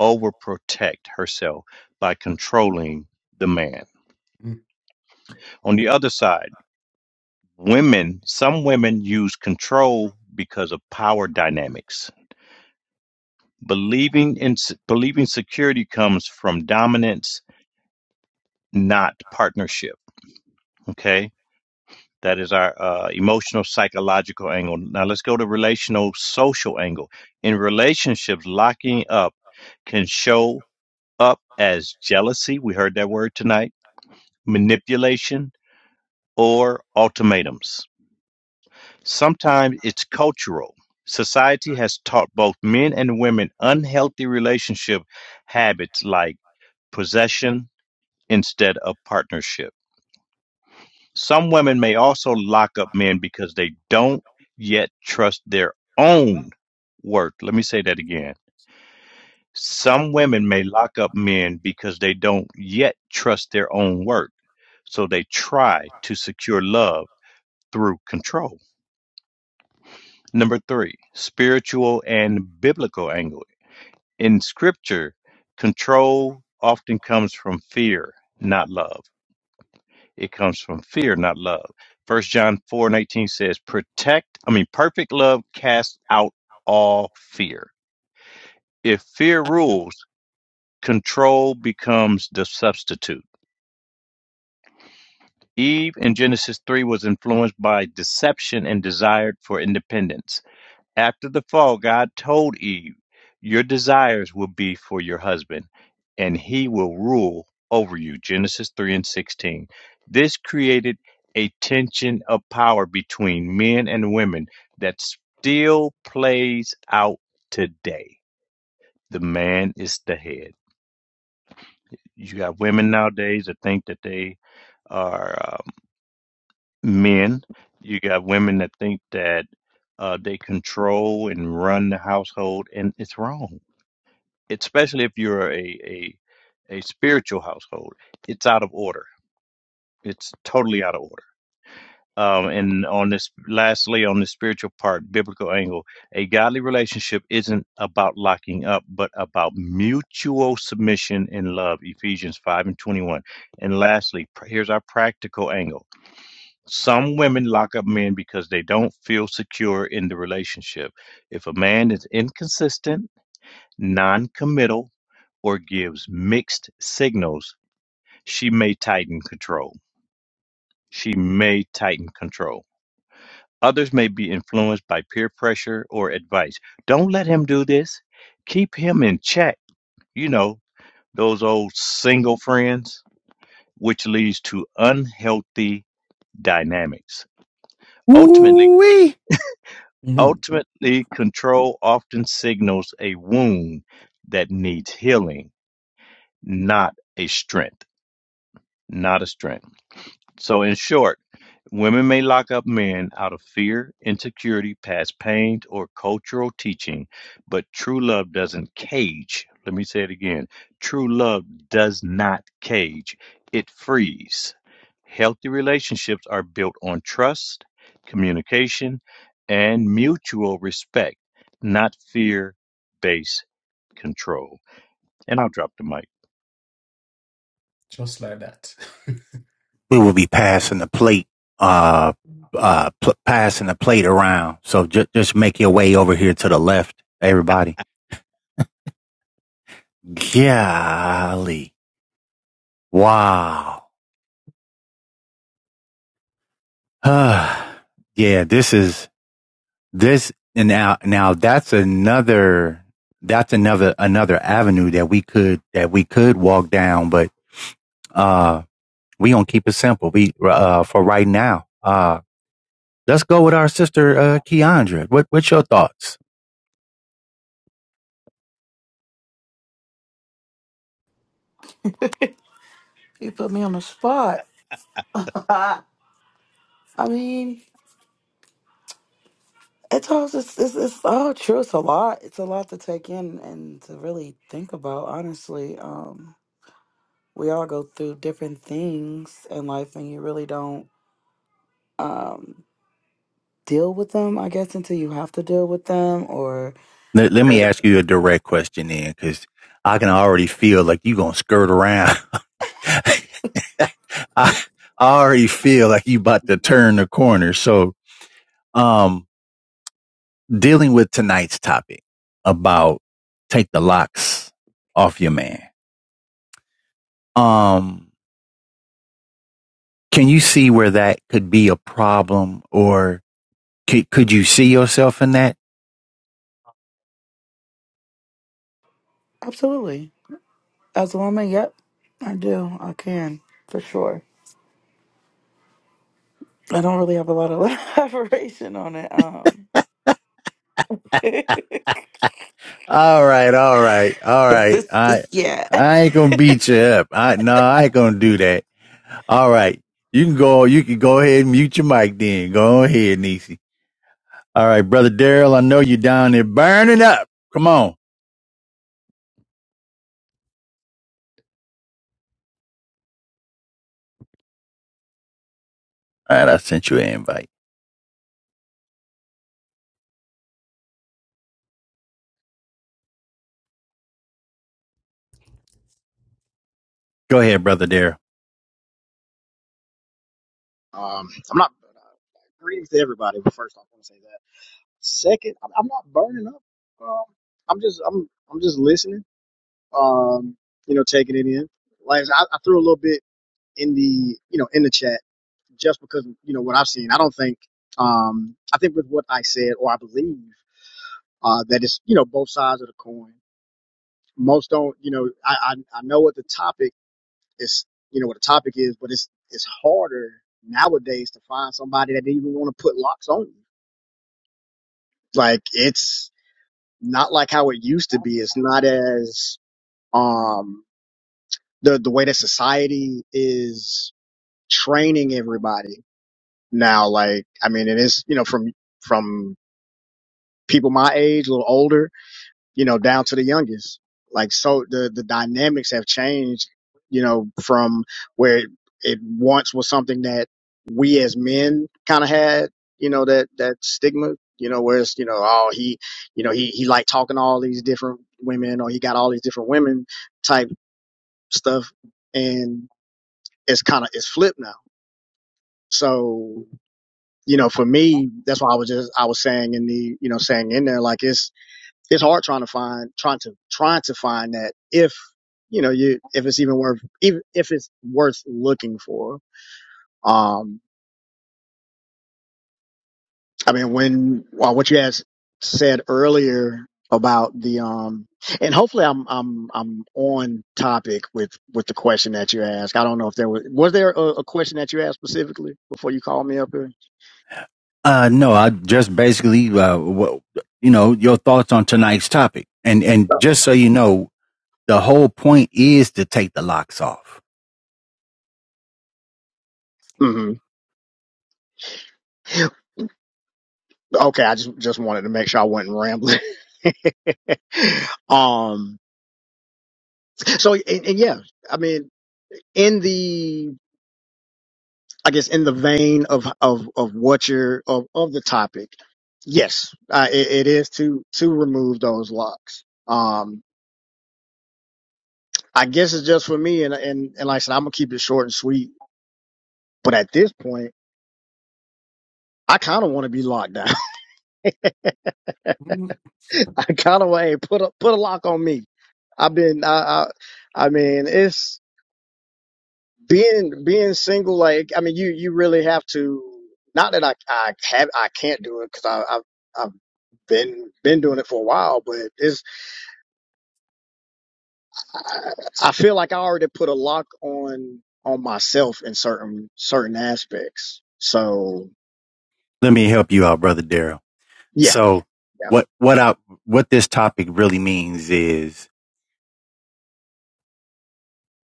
Speaker 3: overprotect herself by controlling the man. On the other side, women, some women use control because of power dynamics. Believing in believing security comes from dominance, not partnership. Okay That is our uh, emotional, psychological angle. Now let's go to relational, social angle. In relationships, locking up can show up as jealousy. We heard that word tonight, manipulation, or ultimatums. Sometimes it's cultural. Society has taught both men and women unhealthy relationship habits like possession instead of partnership Some women may also lock up men because they don't yet trust their own worth. Let me say that again. Some women may lock up men because they don't yet trust their own worth. So they try to secure love through control. Number three, spiritual and biblical angle. In scripture, control often comes from fear, not love. It comes from fear, not love. First John 4 and 18 says, Protect, I mean, perfect love casts out all fear. If fear rules, control becomes the substitute. Eve in Genesis 3 was influenced by deception and desired for independence. After the fall, God told Eve, Your desires will be for your husband, and he will rule over you. Genesis 3 and 16. This created a tension of power between men and women that still plays out today. The man is the head. You got women nowadays that think that they are um, men. You got women that think that uh, they control and run the household, and it's wrong especially if you're a, a a spiritual household, it's out of order. It's totally out of order. Um, and on this, lastly, on the spiritual part, biblical angle, a godly relationship isn't about locking up, but about mutual submission and love. Ephesians five and twenty one. And lastly, pr- here's our practical angle. Some women lock up men because they don't feel secure in the relationship. If a man is inconsistent Non-committal, or gives mixed signals, she may tighten control. She may tighten control. Others may be influenced by peer pressure or advice. Don't let him do this. Keep him in check. You know, those old single friends, which leads to unhealthy dynamics. Ultimately,
Speaker 1: Woo-wee.
Speaker 2: Mhm.
Speaker 3: ultimately control often signals a wound that needs healing, not a strength, not a strength. So, in short, women may lock up men out of fear, insecurity, past pain, or cultural teaching, but true love doesn't cage. Let me say it again true love does not cage, it frees. Healthy relationships are built on trust, communication, and mutual respect, not fear based control. And I'll drop the mic.
Speaker 2: That.
Speaker 1: We will be passing the plate, uh, uh, pl- passing the plate around. So ju- just make your way over here to the left, everybody. Golly. Wow. yeah, this is This and now, now that's another, that's another, another avenue that we could, that we could walk down, but, uh, we gonna keep it simple. We, uh, for right now, uh, let's go with our sister, uh, Keandra. What, what's your thoughts?
Speaker 4: You put me on the spot. I mean, it's all just it's, it's all true. It's a lot. It's a lot to take in and to really think about, honestly. Um we all go through different things in life and you really don't um deal with them i guess until you have to deal with them or
Speaker 1: Let, let me
Speaker 4: Yep.
Speaker 1: ask you a direct question then, cause I can already feel like you gonna skirt around. I, I already feel like you about to turn the corner. So, um, dealing with tonight's topic about take the locks off your man. Um, can you see where that could be a problem or could, could you see yourself in that?
Speaker 4: absolutely as a woman yep i do i can for sure i don't really have a lot of elaboration on it um because
Speaker 1: All right. All right. All right.
Speaker 4: this
Speaker 1: I,
Speaker 4: this yeah
Speaker 1: I ain't going to beat you up. I, no, I ain't going to do that. All right. You can go, you can go ahead and mute your mic then. Go ahead, Nisi. All right. Brother Daryl, I know you're down there burning up. Come on. All right. I sent you an invite. Go ahead, brother Daryl.
Speaker 5: Um, I'm not. Greetings to everybody. But first, off, I want to say that. Second, I'm I'm not burning up. Um, I'm just, I'm, I'm just listening. Um, you know, taking it in. Like I, said, I I threw a little bit in the, you know, in the chat just because you know what I've seen. I don't think. Um, I think with what I said, or I believe, uh, that it's you know both sides of the coin. Most don't, you know. I, I, I know what the topic is. You know what the topic is, but it's, it's harder nowadays to find somebody that even want to put locks on you Like it's not like how it used to be. It's not as um the the way that society is training everybody now. Like I mean, it is you know from from people my age, a little older. you know, down to the youngest. Like so the the dynamics have changed, you know, from where it, it once was something that we as men kind of had, you know, that that stigma, you know, whereas, you know, oh he, you know, he he liked talking to all these different women or he got all these different women type stuff and it's kind of it's flipped now. So, you know, for me, that's why I was just I was saying in the, you know, saying in there like it's it's hard trying to find trying to trying to find that if you know you if it's even worth even if it's worth looking for um i mean when well, what you had said earlier about the um and hopefully i'm i'm i'm on topic with with the question that you asked i don't know if there was was there a, a question that you asked specifically before you called me up here
Speaker 1: Uh, no, I just basically, uh, wh- you know, your thoughts on tonight's topic. And, and just so you know, the whole point is to take the locks off.
Speaker 5: hmm okay i just just wanted to make sure i wasn't rambling um so and, and yeah i mean in the I guess in the vein of of of what you're of of the topic, yes, uh, it, it is to to remove those locks. Um, I guess it's just for me, and and and like I said, I'm gonna keep it short and sweet. But at this point, I kind of want to be locked down. I kind of want hey, put a put a lock on me. I've been I I, I mean it's being being single like i mean you you really have to not that i i have i can't do it because i i've, I've been been doing it for a while but it's I, I feel like i already put a lock on on myself in certain certain aspects so
Speaker 1: Let me help you out, brother Daryl.
Speaker 5: yeah
Speaker 1: So
Speaker 5: yeah
Speaker 1: what, what I, what this topic really means is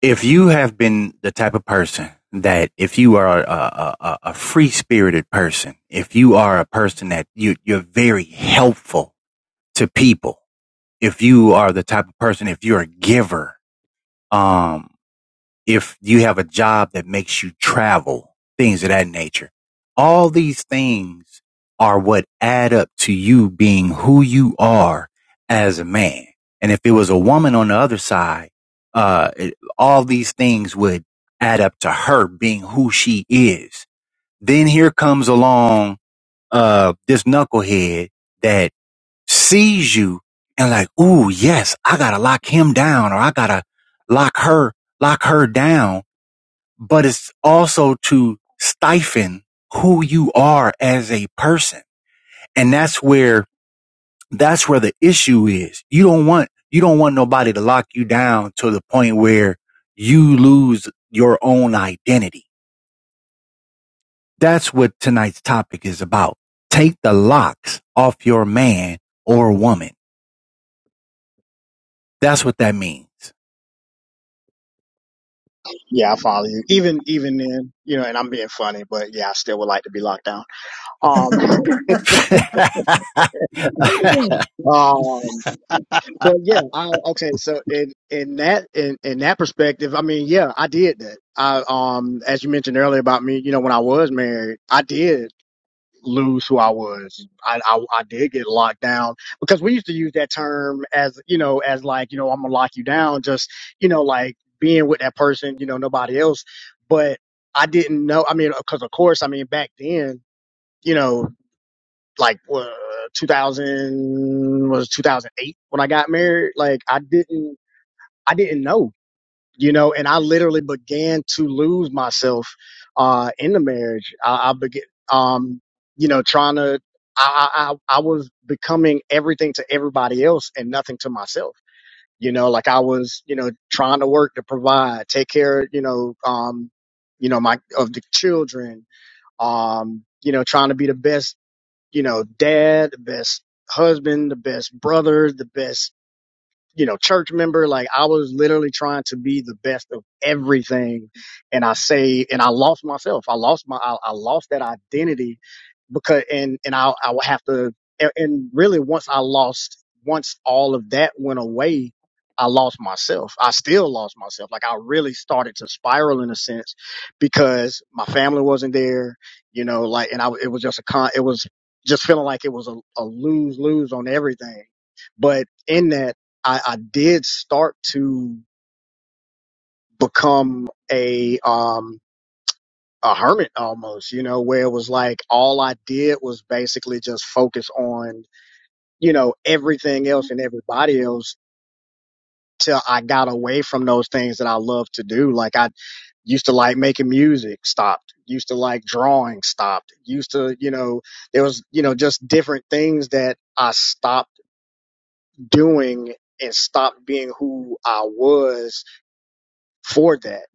Speaker 1: if you have been the type of person that if you are a, a, a, a free spirited person, if you are a person that you, you're very helpful to people, if you are the type of person, if you're a giver, um, if you have a job that makes you travel, things of that nature. All these things are what add up to you being who you are as a man. And if it was a woman on the other side, uh, it, all these things would add up to her being who she is. Then here comes along, uh, this knucklehead that sees you and like, ooh, yes, I gotta lock him down or I gotta lock her, lock her down but it's also to stifle who you are as a person. And that's where, that's where the issue is. You don't want, you don't want nobody to lock you down to the point where you lose your own identity. That's what tonight's topic is about. Take the locks off your man or woman. That's what that means.
Speaker 5: yeah i follow you even even then you know and i'm being funny but yeah i still would like to be locked down um um But yeah, I, okay. So in in that in, in that perspective, I mean, yeah, I did that. I um, as you mentioned earlier about me, you know, when I was married, I did lose who I was. I, I I did get locked down because we used to use that term as you know as like you know I'm gonna lock you down, just you know like being with that person, you know, nobody else. But I didn't know. I mean, because of course, I mean back then. You know, like uh, 2000 was 2008 when I got married. Like I didn't, I didn't know, you know, and I literally began to lose myself, uh, in the marriage. I, I began, um, you know, trying to, I, I, I I was becoming everything to everybody else and nothing to myself. You know, like I was, you know, trying to work to provide, take care, you know, um, you know, my, of the children, um, you know, trying to be the best you know, dad, the best husband, the best brother, the best you know, church member. Like I was literally trying to be the best of everything. And I say, and I lost myself. I lost my, I, I lost that identity because, and, and I, I would have to, and, and really once I lost, once all of that went away, I lost myself. I still lost myself. Like I really started to spiral in a sense because my family wasn't there, you know, like, and I, it was just a con, it was just feeling like it was a, a lose lose on everything. But in that, I, I did start to become a um a hermit almost, you know, where it was like all I did was basically just focus on, you know, everything else and everybody else till I got away from those things that I love to do. Like I used to like making music, stopped. Used to like drawing, stopped. Used to, you know, there was, you know, just different things that I stopped doing and stopped being who I was for that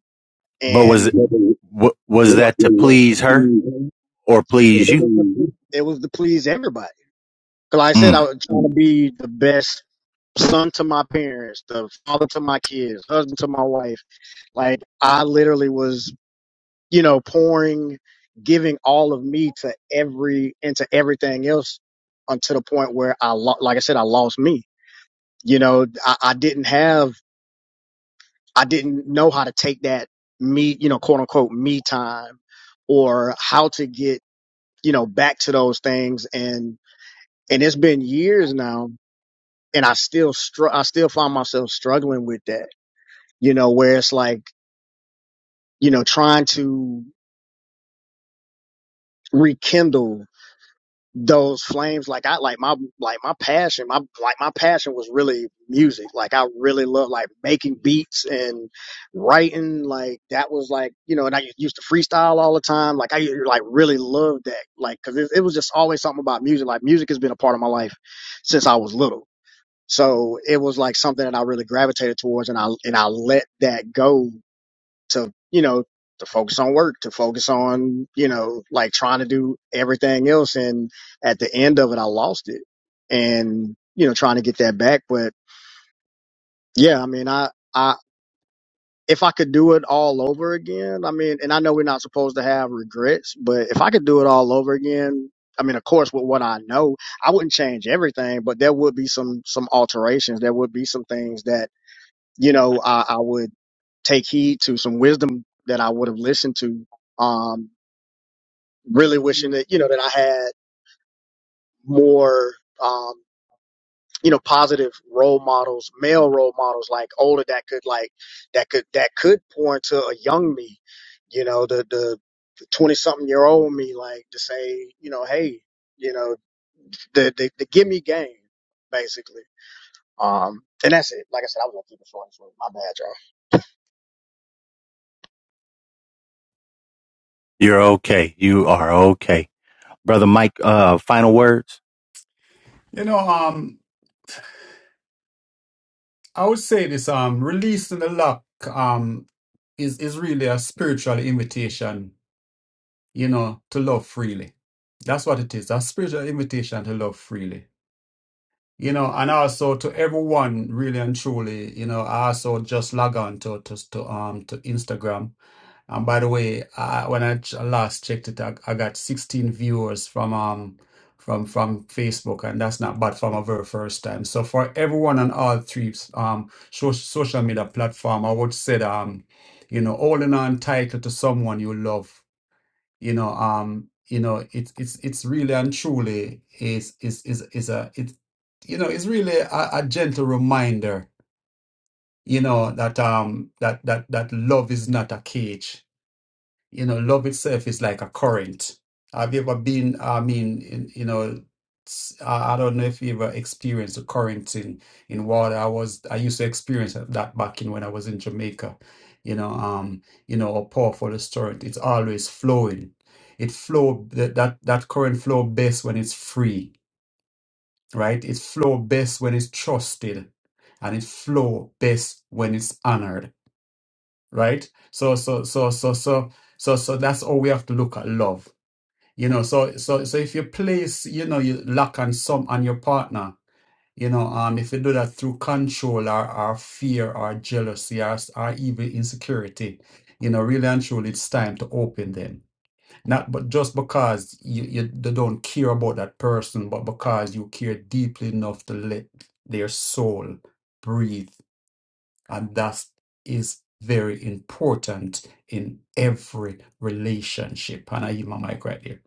Speaker 1: But was,
Speaker 5: and Mhm.
Speaker 1: wa- was that
Speaker 5: It
Speaker 1: to
Speaker 5: was to
Speaker 1: please her
Speaker 5: please,
Speaker 1: or please you?
Speaker 5: it was to please everybody. 'Cause Like I said, I
Speaker 1: Mm,
Speaker 5: was trying to be the best son to my parents, the father to my kids, husband to my wife. Like I literally was, you know, pouring, giving all of me to every into everything else, until the point where I, lo- like I said, I lost me. You know, I, I didn't have, I didn't know how to take that me, you know, quote unquote me time, or how to get you know, back to those things. And, and it's been years now and I still, str- I still find myself struggling with that, you know, where it's like, you know, trying to rekindle those flames. Like I, like my, like my passion, my, like my passion was really music. Like I really love like making beats and writing. Like that was like, you know, and I used to freestyle all the time. Like I like really loved that. Like, cause it, it was just always something about music. Like music has been a part of my life since I was little So it was like something that I really gravitated towards and I, and I let that go to, you know, to focus on work, to focus on, you know, like trying to do everything else. And at the end of it, I lost it and, you know, trying to get that back. But yeah, I mean, I, I, if I could do it all over again, I mean, and I know we're not supposed to have regrets, but if I could do it all over again, I mean, of course, with what I know, I wouldn't change everything, but there would be some, some alterations. There would be some things that you know, I, I would take heed to some wisdom that I would have listened to. Um, really wishing that, you know, that I had more, um, you know, positive role models, male role models, like older that could like, that could, that could pour into a young me, you know, the, the 20 something year old me, like to say, you know, hey, you know, the, the, the give me game, basically. Um, and that's it. Like I said, I was gonna keep it short and sweet. My bad, y'all.
Speaker 1: you're okay. You are okay. Brother Mike, uh, final words.
Speaker 2: You know, um, I would say this, um, releasing the lock, um, is is really a spiritual invitation you know, to love freely. That's what it is. A spiritual invitation to love freely. You know, and also to everyone really and truly, you know, I also just log on to to, to um to Instagram. And by the way, I, when I ch- last checked it, I, I got 16 viewers from um from from Facebook, and that's not bad from a very first time. So for everyone on all three um so, social media platform, I would say that, um you know holding on tight to someone you love you know um you know it's it's it's really and truly is is is is a it's you know it's really a, a gentle reminder you know that um that that that love is not a cage you know, love itself is like a current. Have you ever been, I mean, in, you know, s- I I don't know if you ever experienced a current in, in water. I was, I used to experience that back in when I was in Jamaica. You know, um, you know, a powerful current. It's always flowing. It flow that that that current flow best when it's free, right? It flow best when it's trusted, and it flow best when it's honored right so so so so so so so that's all we have to look at love you know so so so if you place you know you lack and some on your partner you know um if you do that through control or, or fear or jealousy or, or even insecurity you know really and truly it's time to open them not but just because you, you they don't care about that person but because you care deeply enough to let their soul breathe and that is very important in every relationship. And I give my mic right here.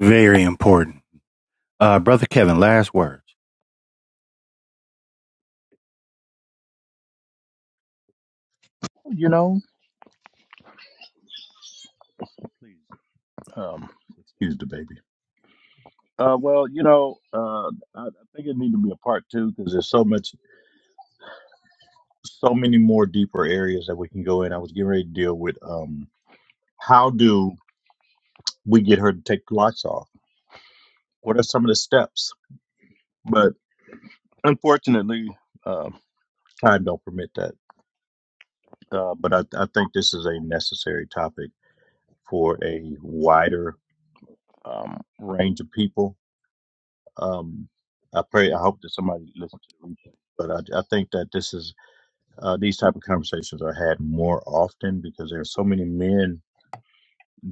Speaker 1: Very important. Uh, Brother Kevin, last words.
Speaker 3: You know, please um, excuse the baby. Uh, well, you know, uh, I, I think it need to be a part two because there's so much, so many more deeper areas that we can go in. I was getting ready to deal with um, how do we get her to take the lights off? What are some of the steps? But unfortunately, uh, time don't permit that. Uh, but I, I think this is a necessary topic for a wider um, range of people. Um, I pray, I hope that somebody listens to the replay. But I, I think that this is uh, these type of conversations are had more often because there are so many men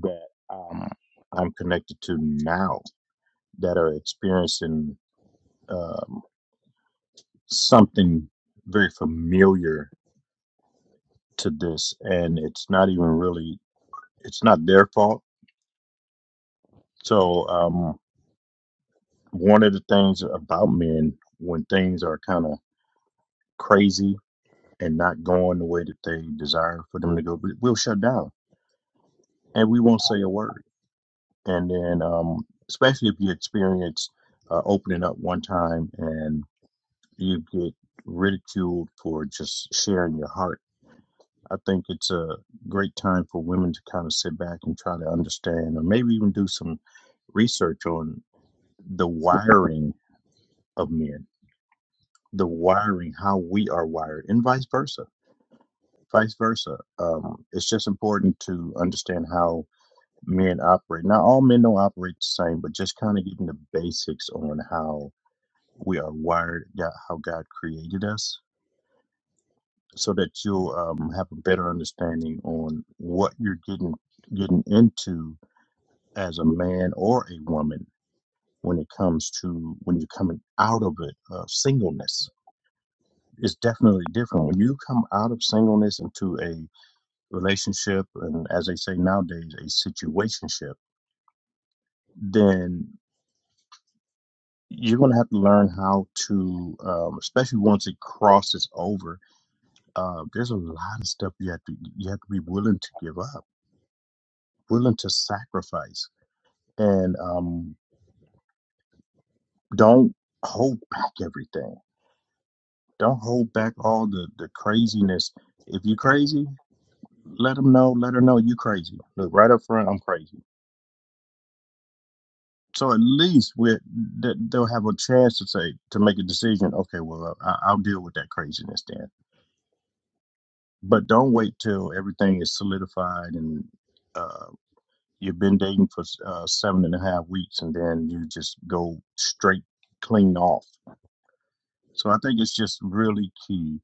Speaker 3: that um, I'm connected to now that are experiencing um, something very familiar to this, and it's not even really it's not their fault. So um, one of the things about men when things are kind of crazy and not going the way that they desire for them to go, we- we'll shut down and we won't say a word and then um, especially if you experience uh, opening up one time and you get ridiculed for just sharing your heart. I think it's a great time for women to kind of sit back and try to understand, or maybe even do some research on the wiring of men, the wiring, how we are wired, and vice versa. Vice versa. Um, it's just important to understand how men operate. Now, all men don't operate the same, but just kind of getting the basics on how we are wired, God, how God created us, so that you'll um, have a better understanding on what you're getting getting into as a man or a woman when it comes to when you're coming out of it uh, singleness. It's definitely different when you come out of singleness into a relationship, and as they say nowadays, a situationship. Then you're going to have to learn how to, um, especially once it crosses over Uh, there's a lot of stuff you have to you have to be willing to give up, willing to sacrifice, and um, don't hold back everything. Don't hold back all the the craziness. If you're crazy, let them know. Let her know you crazy. Look right up front, I'm crazy. So at least we th- they'll have a chance to say to make a decision. Okay, well I, I'll deal with that craziness then. But don't wait till everything is solidified and uh, you've been dating for uh, seven and a half weeks and then you just go straight clean off so i think it's just really key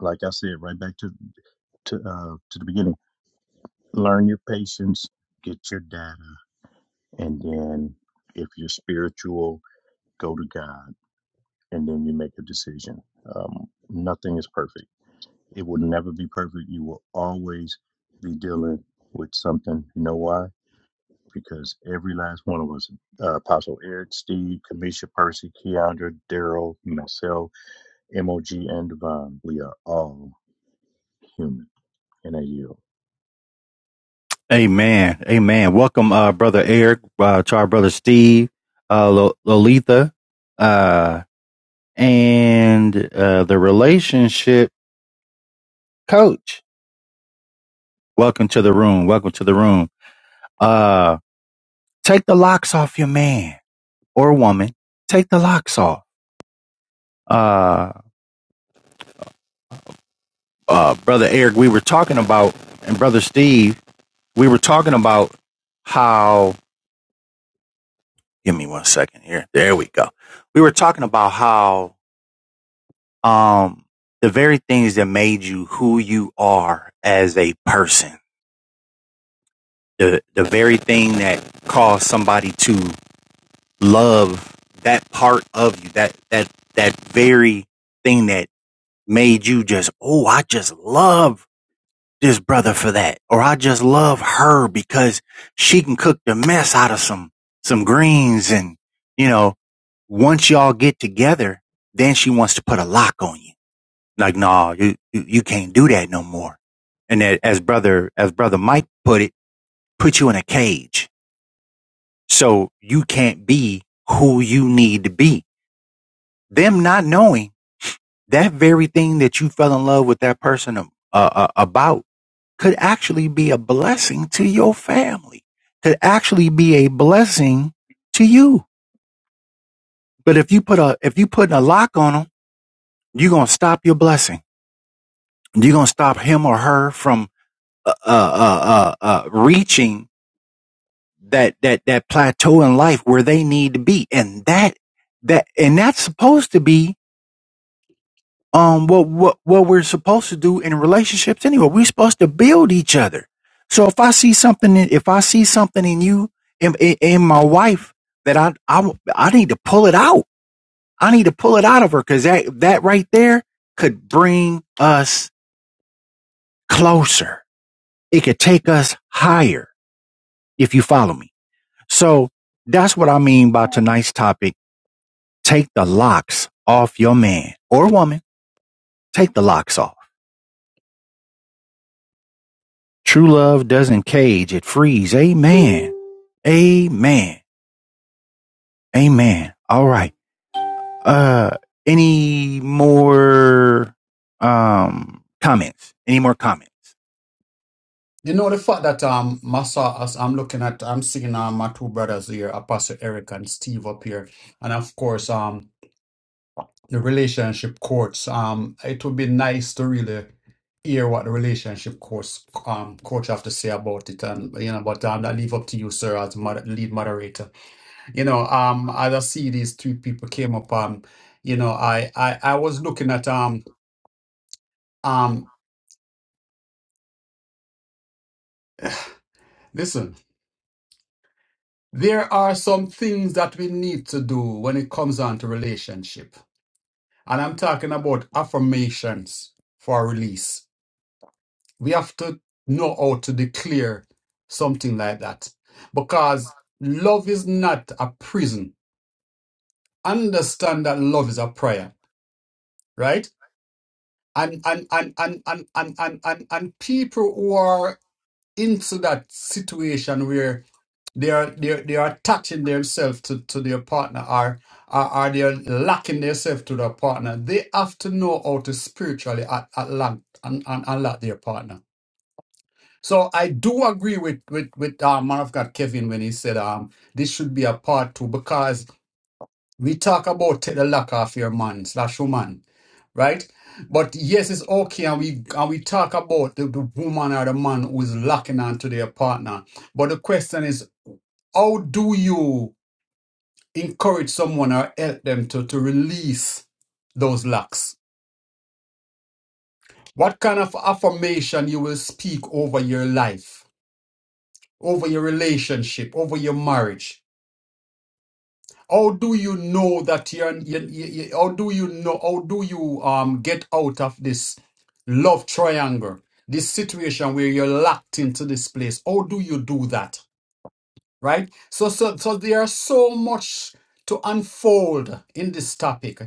Speaker 3: like i said right back to to, uh, to the beginning learn your patience get your data and then if you're spiritual go to god and then you make a decision um, nothing is perfect it will never be perfect you will always be dealing with something you know why because every last one of us, uh, Apostle Eric, Steve, Kamisha, Percy, Keandra, Daryl, myself, MOG, and Devon, we are all human in a yield.
Speaker 1: Amen. Amen. Welcome, uh, Brother Eric, uh, to our Brother Steve, uh, Lo- Lolita, uh, and, uh, the relationship coach. Welcome to the room. Welcome to the room. Uh, take the locks off your man or woman. Take the locks off. Uh, uh, Brother Eric, we were talking about, and Brother Steve, we were talking about how give me one second here. There we go. We were talking about how um the very things that made you who you are as a person, the the very thing that caused somebody to love that part of you, that that that very thing that made you just, oh, I just love this brother for that, or I just love her because she can cook the mess out of some, some greens. And, you know, once y'all get together, then she wants to put a lock on you. Like, nah, you, you, you can't do that no more. And that, as brother, as brother Mike put it, put you in a cage. So you can't be who you need to be. Them not knowing that very thing that you fell in love with that person uh, uh, about could actually be a blessing to your family, could actually be a blessing to you. But if you put a, if you put a lock on them, you're going to stop your blessing. You're going to stop him or her from, uh, uh, uh, uh, uh, reaching that, that, that plateau in life where they need to be. And that, that, and that's supposed to be um what what what we're supposed to do in relationships anyway. We're supposed to build each other. So if I see something, in- if I see something in you in, in, in my wife that I, I I need to pull it out. I need to pull it out of her because that that right there could bring us closer. It could take us higher if you follow me. So that's what I mean by tonight's topic. Take the locks off your man or woman. Take the locks off. True love doesn't cage, it frees. Amen. Amen. Amen. All right. Uh any more um comments? Any more comments?
Speaker 2: You know the fact that um Massa as I'm looking at I'm seeing um, my two brothers here, Apostle Eric and Steve up here. And of course um the relationship coach. Um, it would be nice to really hear what the relationship coach um coach have to say about it, and you know, but um, I leave up to you, sir, as mod- lead moderator. You know, um, as I see these three people came up, um, you know, I I I was looking at um um listen. There are some things that we need to do when it comes on to relationship. And I'm talking about affirmations for release we have to know how to declare something like that because love is not a prison understand that love is a prayer right and and and and and and and, and, and people who are into that situation where they are they are, they are attaching themselves to, to their partner or, or or they are locking themselves to their partner they have to know how to spiritually at, at, at, at, at, their partner So I do agree with with with uh, man of God Kevin when he said um this should be a part two because we talk about take the lack of your man slash woman, right? But yes, it's okay, and we and we talk about the, the woman or the man who is locking on to their partner. But the question is, how do you encourage someone or help them to to release those locks? What kind of affirmation you will speak over your life, over your relationship, over your marriage? How do you know that you're, you, you, you- how do you know, how do you um get out of this love triangle, this situation where you're locked into this place? How do you do that? Right? So, so, so there are so much to unfold in this topic,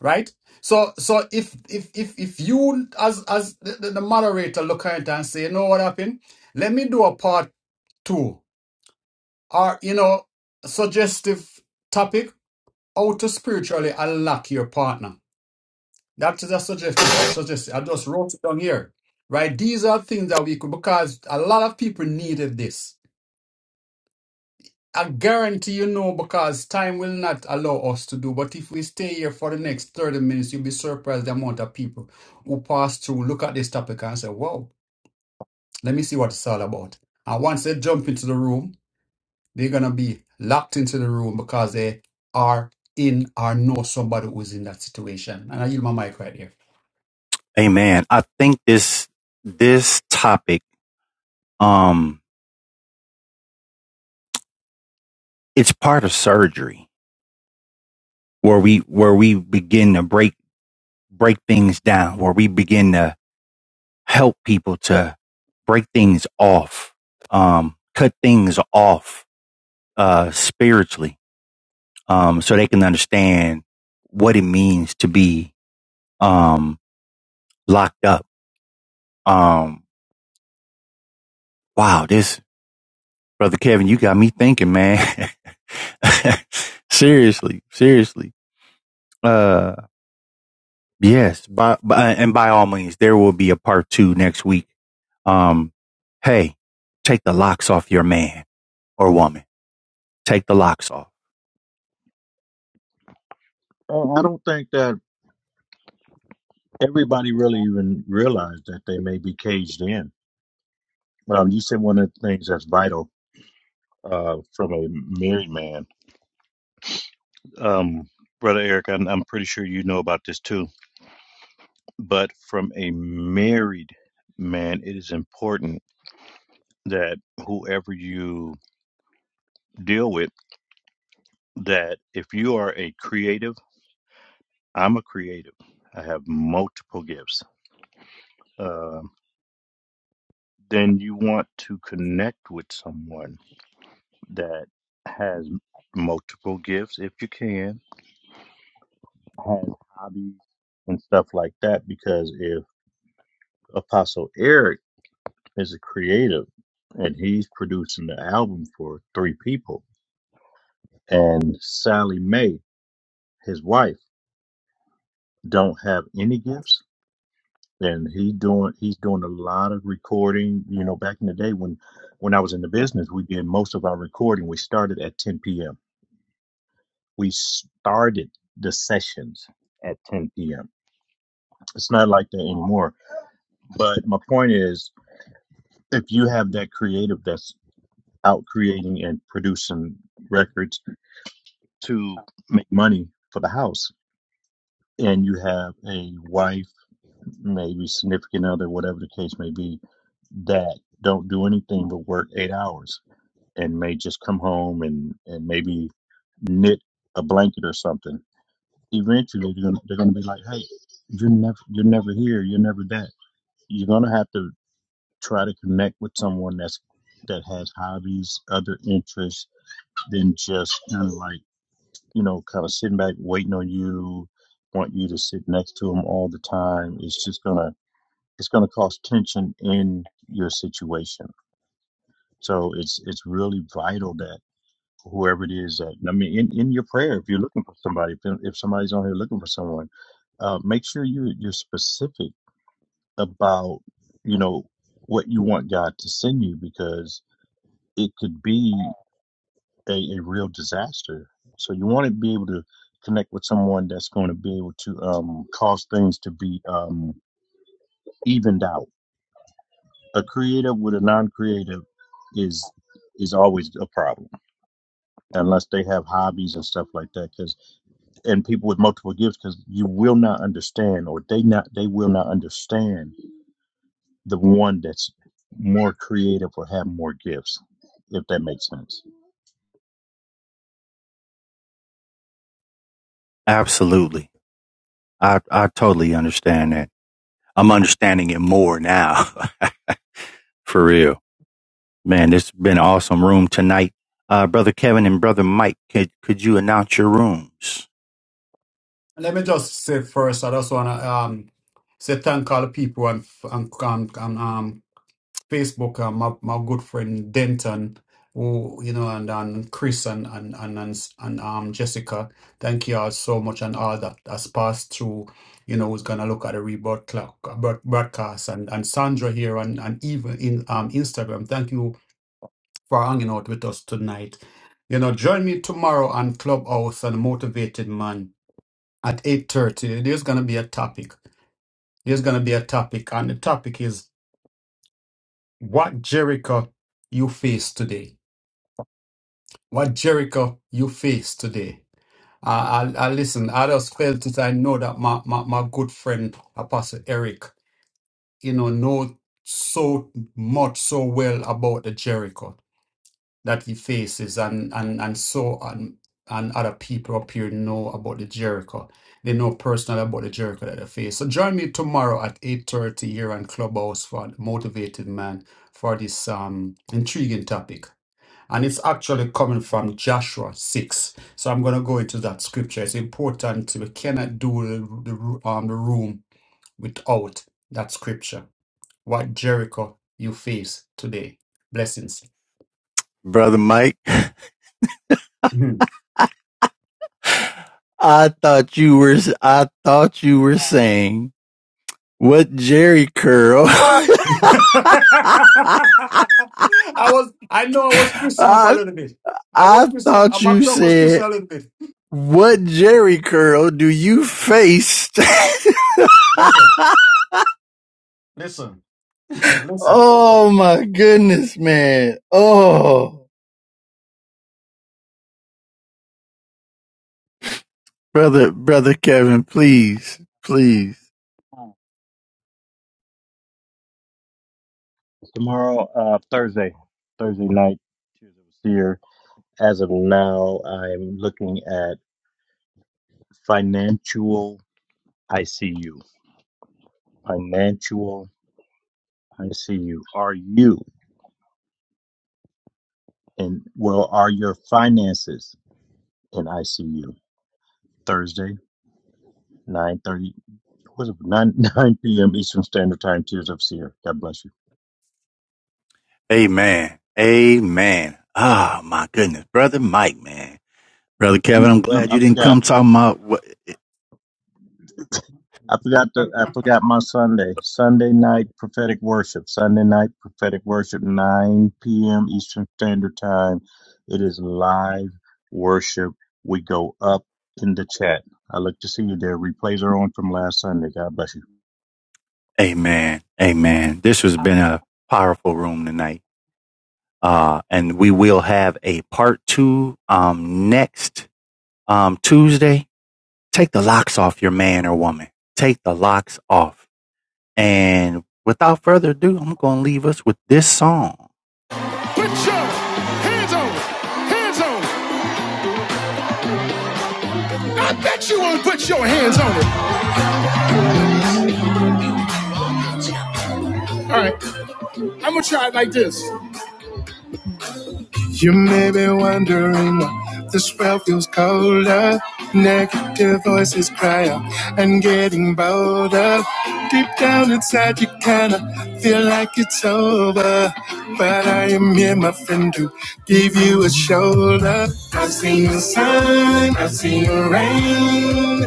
Speaker 2: right? So, so if, if, if, if you, as, as the, the the moderator look at it and say, you know what happened? Let me do a part two or, you know, suggestive topic how to spiritually unlock your partner. That is a suggested suggestion. I just wrote it down here. Right? These are things that we could because a lot of people needed this. I guarantee you know because time will not allow us to do. But if we stay here for the next 30 minutes, you'll be surprised the amount of people who pass through, look at this topic and say, Wow, let me see what it's all about. And once they jump into the room, they're gonna be locked into the room because they are in or know somebody who's in that situation. And I yield my mic right here.
Speaker 1: Amen. I think this this topic um it's part of surgery where we where we begin to break break things down, where we begin to help people to break things off, um cut things off uh spiritually um, so they can understand what it means to be um, locked up. Um, wow, this brother Kevin, you got me thinking, man. seriously, seriously. Uh, yes, by, by and by all means, there will be a part two next week. Um, hey, take the locks off your man or woman. Take the locks off.
Speaker 3: And I don't think that everybody really even realized that they may be caged in. Um, you said one of the things that's vital uh, from a married man. Um, Brother Eric, I'm, I'm pretty sure you know about this too, but from a married man, it is important that whoever you deal with, that if you are a creative, I'm a creative. I have multiple gifts. Um then you want to connect with someone that has multiple gifts, if you can, has hobbies and stuff like that. Because if Apostle Eric is a creative and he's producing the album for three people, and Sally Mae, his wife, don't have any gifts and he doing he's doing a lot of recording you know back in the day when when i was in the business we did most of our recording we started at 10 p.m we started the sessions at 10 p.m it's not like that anymore but my point is if you have that creative that's out creating and producing records to make money for the house and you have a wife maybe significant other whatever the case may be that don't do anything but work eight hours and may just come home and, and maybe knit a blanket or something. Eventually, they're gonna, they're gonna be like, "Hey, you're never you're never here. You're never that." You're gonna have to try to connect with someone that's that has hobbies, other interests than just kind of like you know, kind of sitting back waiting on you, want you to sit next to them all the time. It's just gonna it's gonna cause tension in your situation. So it's it's really vital that. whoever it is that I mean, in, in your prayer, if you're looking for somebody, if, if somebody's on here looking for someone, uh, make sure you you're specific about you know what you want God to send you because it could be a, a real disaster. So you want to be able to connect with someone that's going to be able to um, cause things to be um, evened out. A creative with a non-creative is is always a problem unless they have hobbies and stuff like that. 'cause and people with multiple gifts because you will not understand or they not they will not understand the one that's more creative or have more gifts if that makes sense
Speaker 1: Absolutely, I I totally understand that. I'm understanding it more now, for real. Man, this has been an awesome room tonight. Uh, Brother Kevin and Brother Mike, could, could you announce your rooms?
Speaker 2: Let me just say first, I just want to um, say thank all the people and, and, Facebook, uh, my, my good friend Denton, who you know, and, and Chris and and and and, and um, Jessica, thank you all so much, and all that has passed through. You know, who's gonna look at the rebirth clock, uh, broad- broadcast, and and Sandra here, and and even in um Instagram. Thank you for hanging out with us tonight. You know, join me tomorrow on Clubhouse and Motivated Man at eight thirty. There's gonna be a topic. There's gonna be a topic, and the topic is what Jericho you face today what Jericho you face today. I, I, I listen, I just felt it. I know that my, my, my good friend, Apostle Eric, you know, know so much, so well about the Jericho that he faces and, and, and so and, and other people up here know about the Jericho. They know personally about the Jericho that they face. So join me tomorrow at 8.30 here on Clubhouse for Motivated Man for this um, intriguing topic. And it's actually coming from Joshua 6. So I'm going to go into that scripture. It's important. We cannot do the, the, um, the room without that scripture. What Jericho you face today. Blessings.
Speaker 1: Brother Mike,
Speaker 2: Mhm.
Speaker 1: I thought you were, I thought you were saying what Jerry curl.
Speaker 2: I was, I know I was twisting up a little bit. I
Speaker 1: I
Speaker 2: was twisting up, uh,
Speaker 1: thought
Speaker 2: my
Speaker 1: you
Speaker 2: tongue was twisting
Speaker 1: said,
Speaker 2: a little bit.
Speaker 1: what Jerry curl do you face?
Speaker 2: Listen, listen, listen.
Speaker 1: oh my goodness, man. Oh, brother, brother Kevin, please, please.
Speaker 3: tomorrow uh thursday thursday night Tears of a Seer. as of now i'm looking at financial icu financial ICU. Are you and well are your finances in ICU? Thursday, nine thirty. Was it nine nine p.m. Eastern Standard Time? Tears of Seer. God bless you.
Speaker 1: Amen. Amen. Ah, oh, my goodness. Brother Mike, man. Brother
Speaker 3: Let
Speaker 1: Kevin,
Speaker 3: me-
Speaker 1: I'm
Speaker 3: let me-
Speaker 1: glad
Speaker 3: I
Speaker 1: you didn't
Speaker 3: forgot.
Speaker 1: come talking about what.
Speaker 3: I forgot the. I forgot my Sunday. Sunday night prophetic worship. Sunday night prophetic worship. Nine p.m. Eastern Standard Time. It is live worship. We go up in the chat. I look to see you there. Replays are on from last Sunday. God bless you.
Speaker 1: Amen. Amen. This has been a powerful room tonight. Uh, and we will have a part two, um, next, um, Tuesday take the locks off your man or woman. Take the locks off. And without further ado, I'm going to leave us with this song. You may be wondering why this world feels colder. Negative voices cry out and getting bolder. Deep down inside, you kinda feel like it's over. But I am here, my friend, to give you a shoulder. I've seen the sun, I've seen the rain.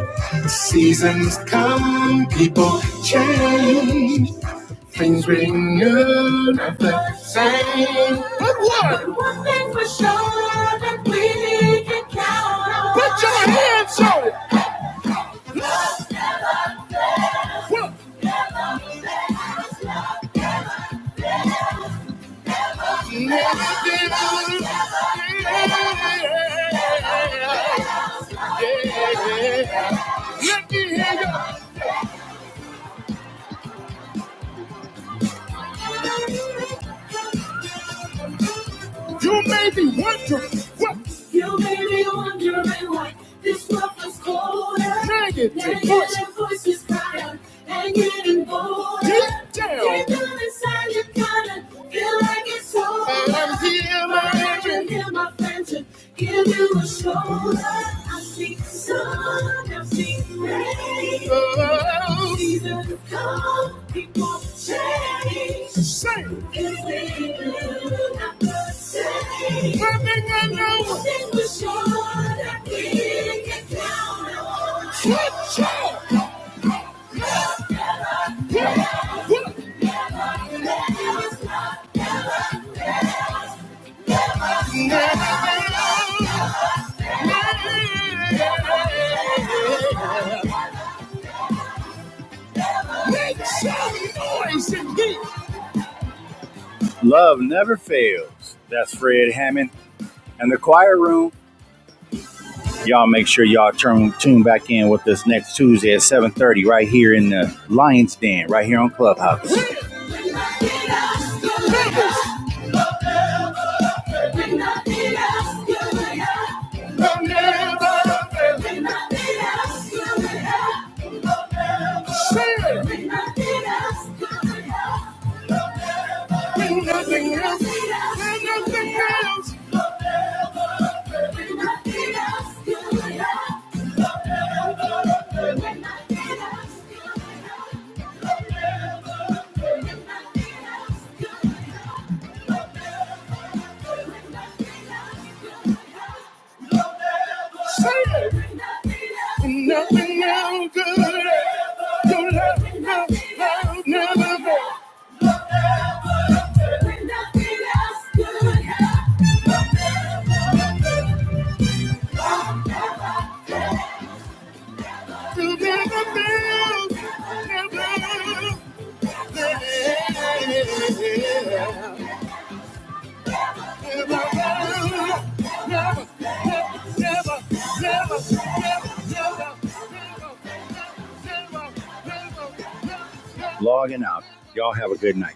Speaker 1: seasons come, people change. Things renewed, not the same. You may be wondering why this love is cold. Negative Negative voice. voices cry out and getting bold. Get down. Deep down inside, you kinda feel like it's over. I've and hear my friends and give you a shoulder. I see sun, I see rain. Oh. Seasons come, people change. Say. It's the not the same. I think I know. Things were short, I didn't get down on. Switch Make some noise in here. Love never fails. That's Fred Hammond and the Choir Room. Y'all make sure y'all turn tune back in with us next Tuesday at 7:30 right here in the Lions Den, right here on Clubhouse. Nothing else. Logging out. Y'all have a good night.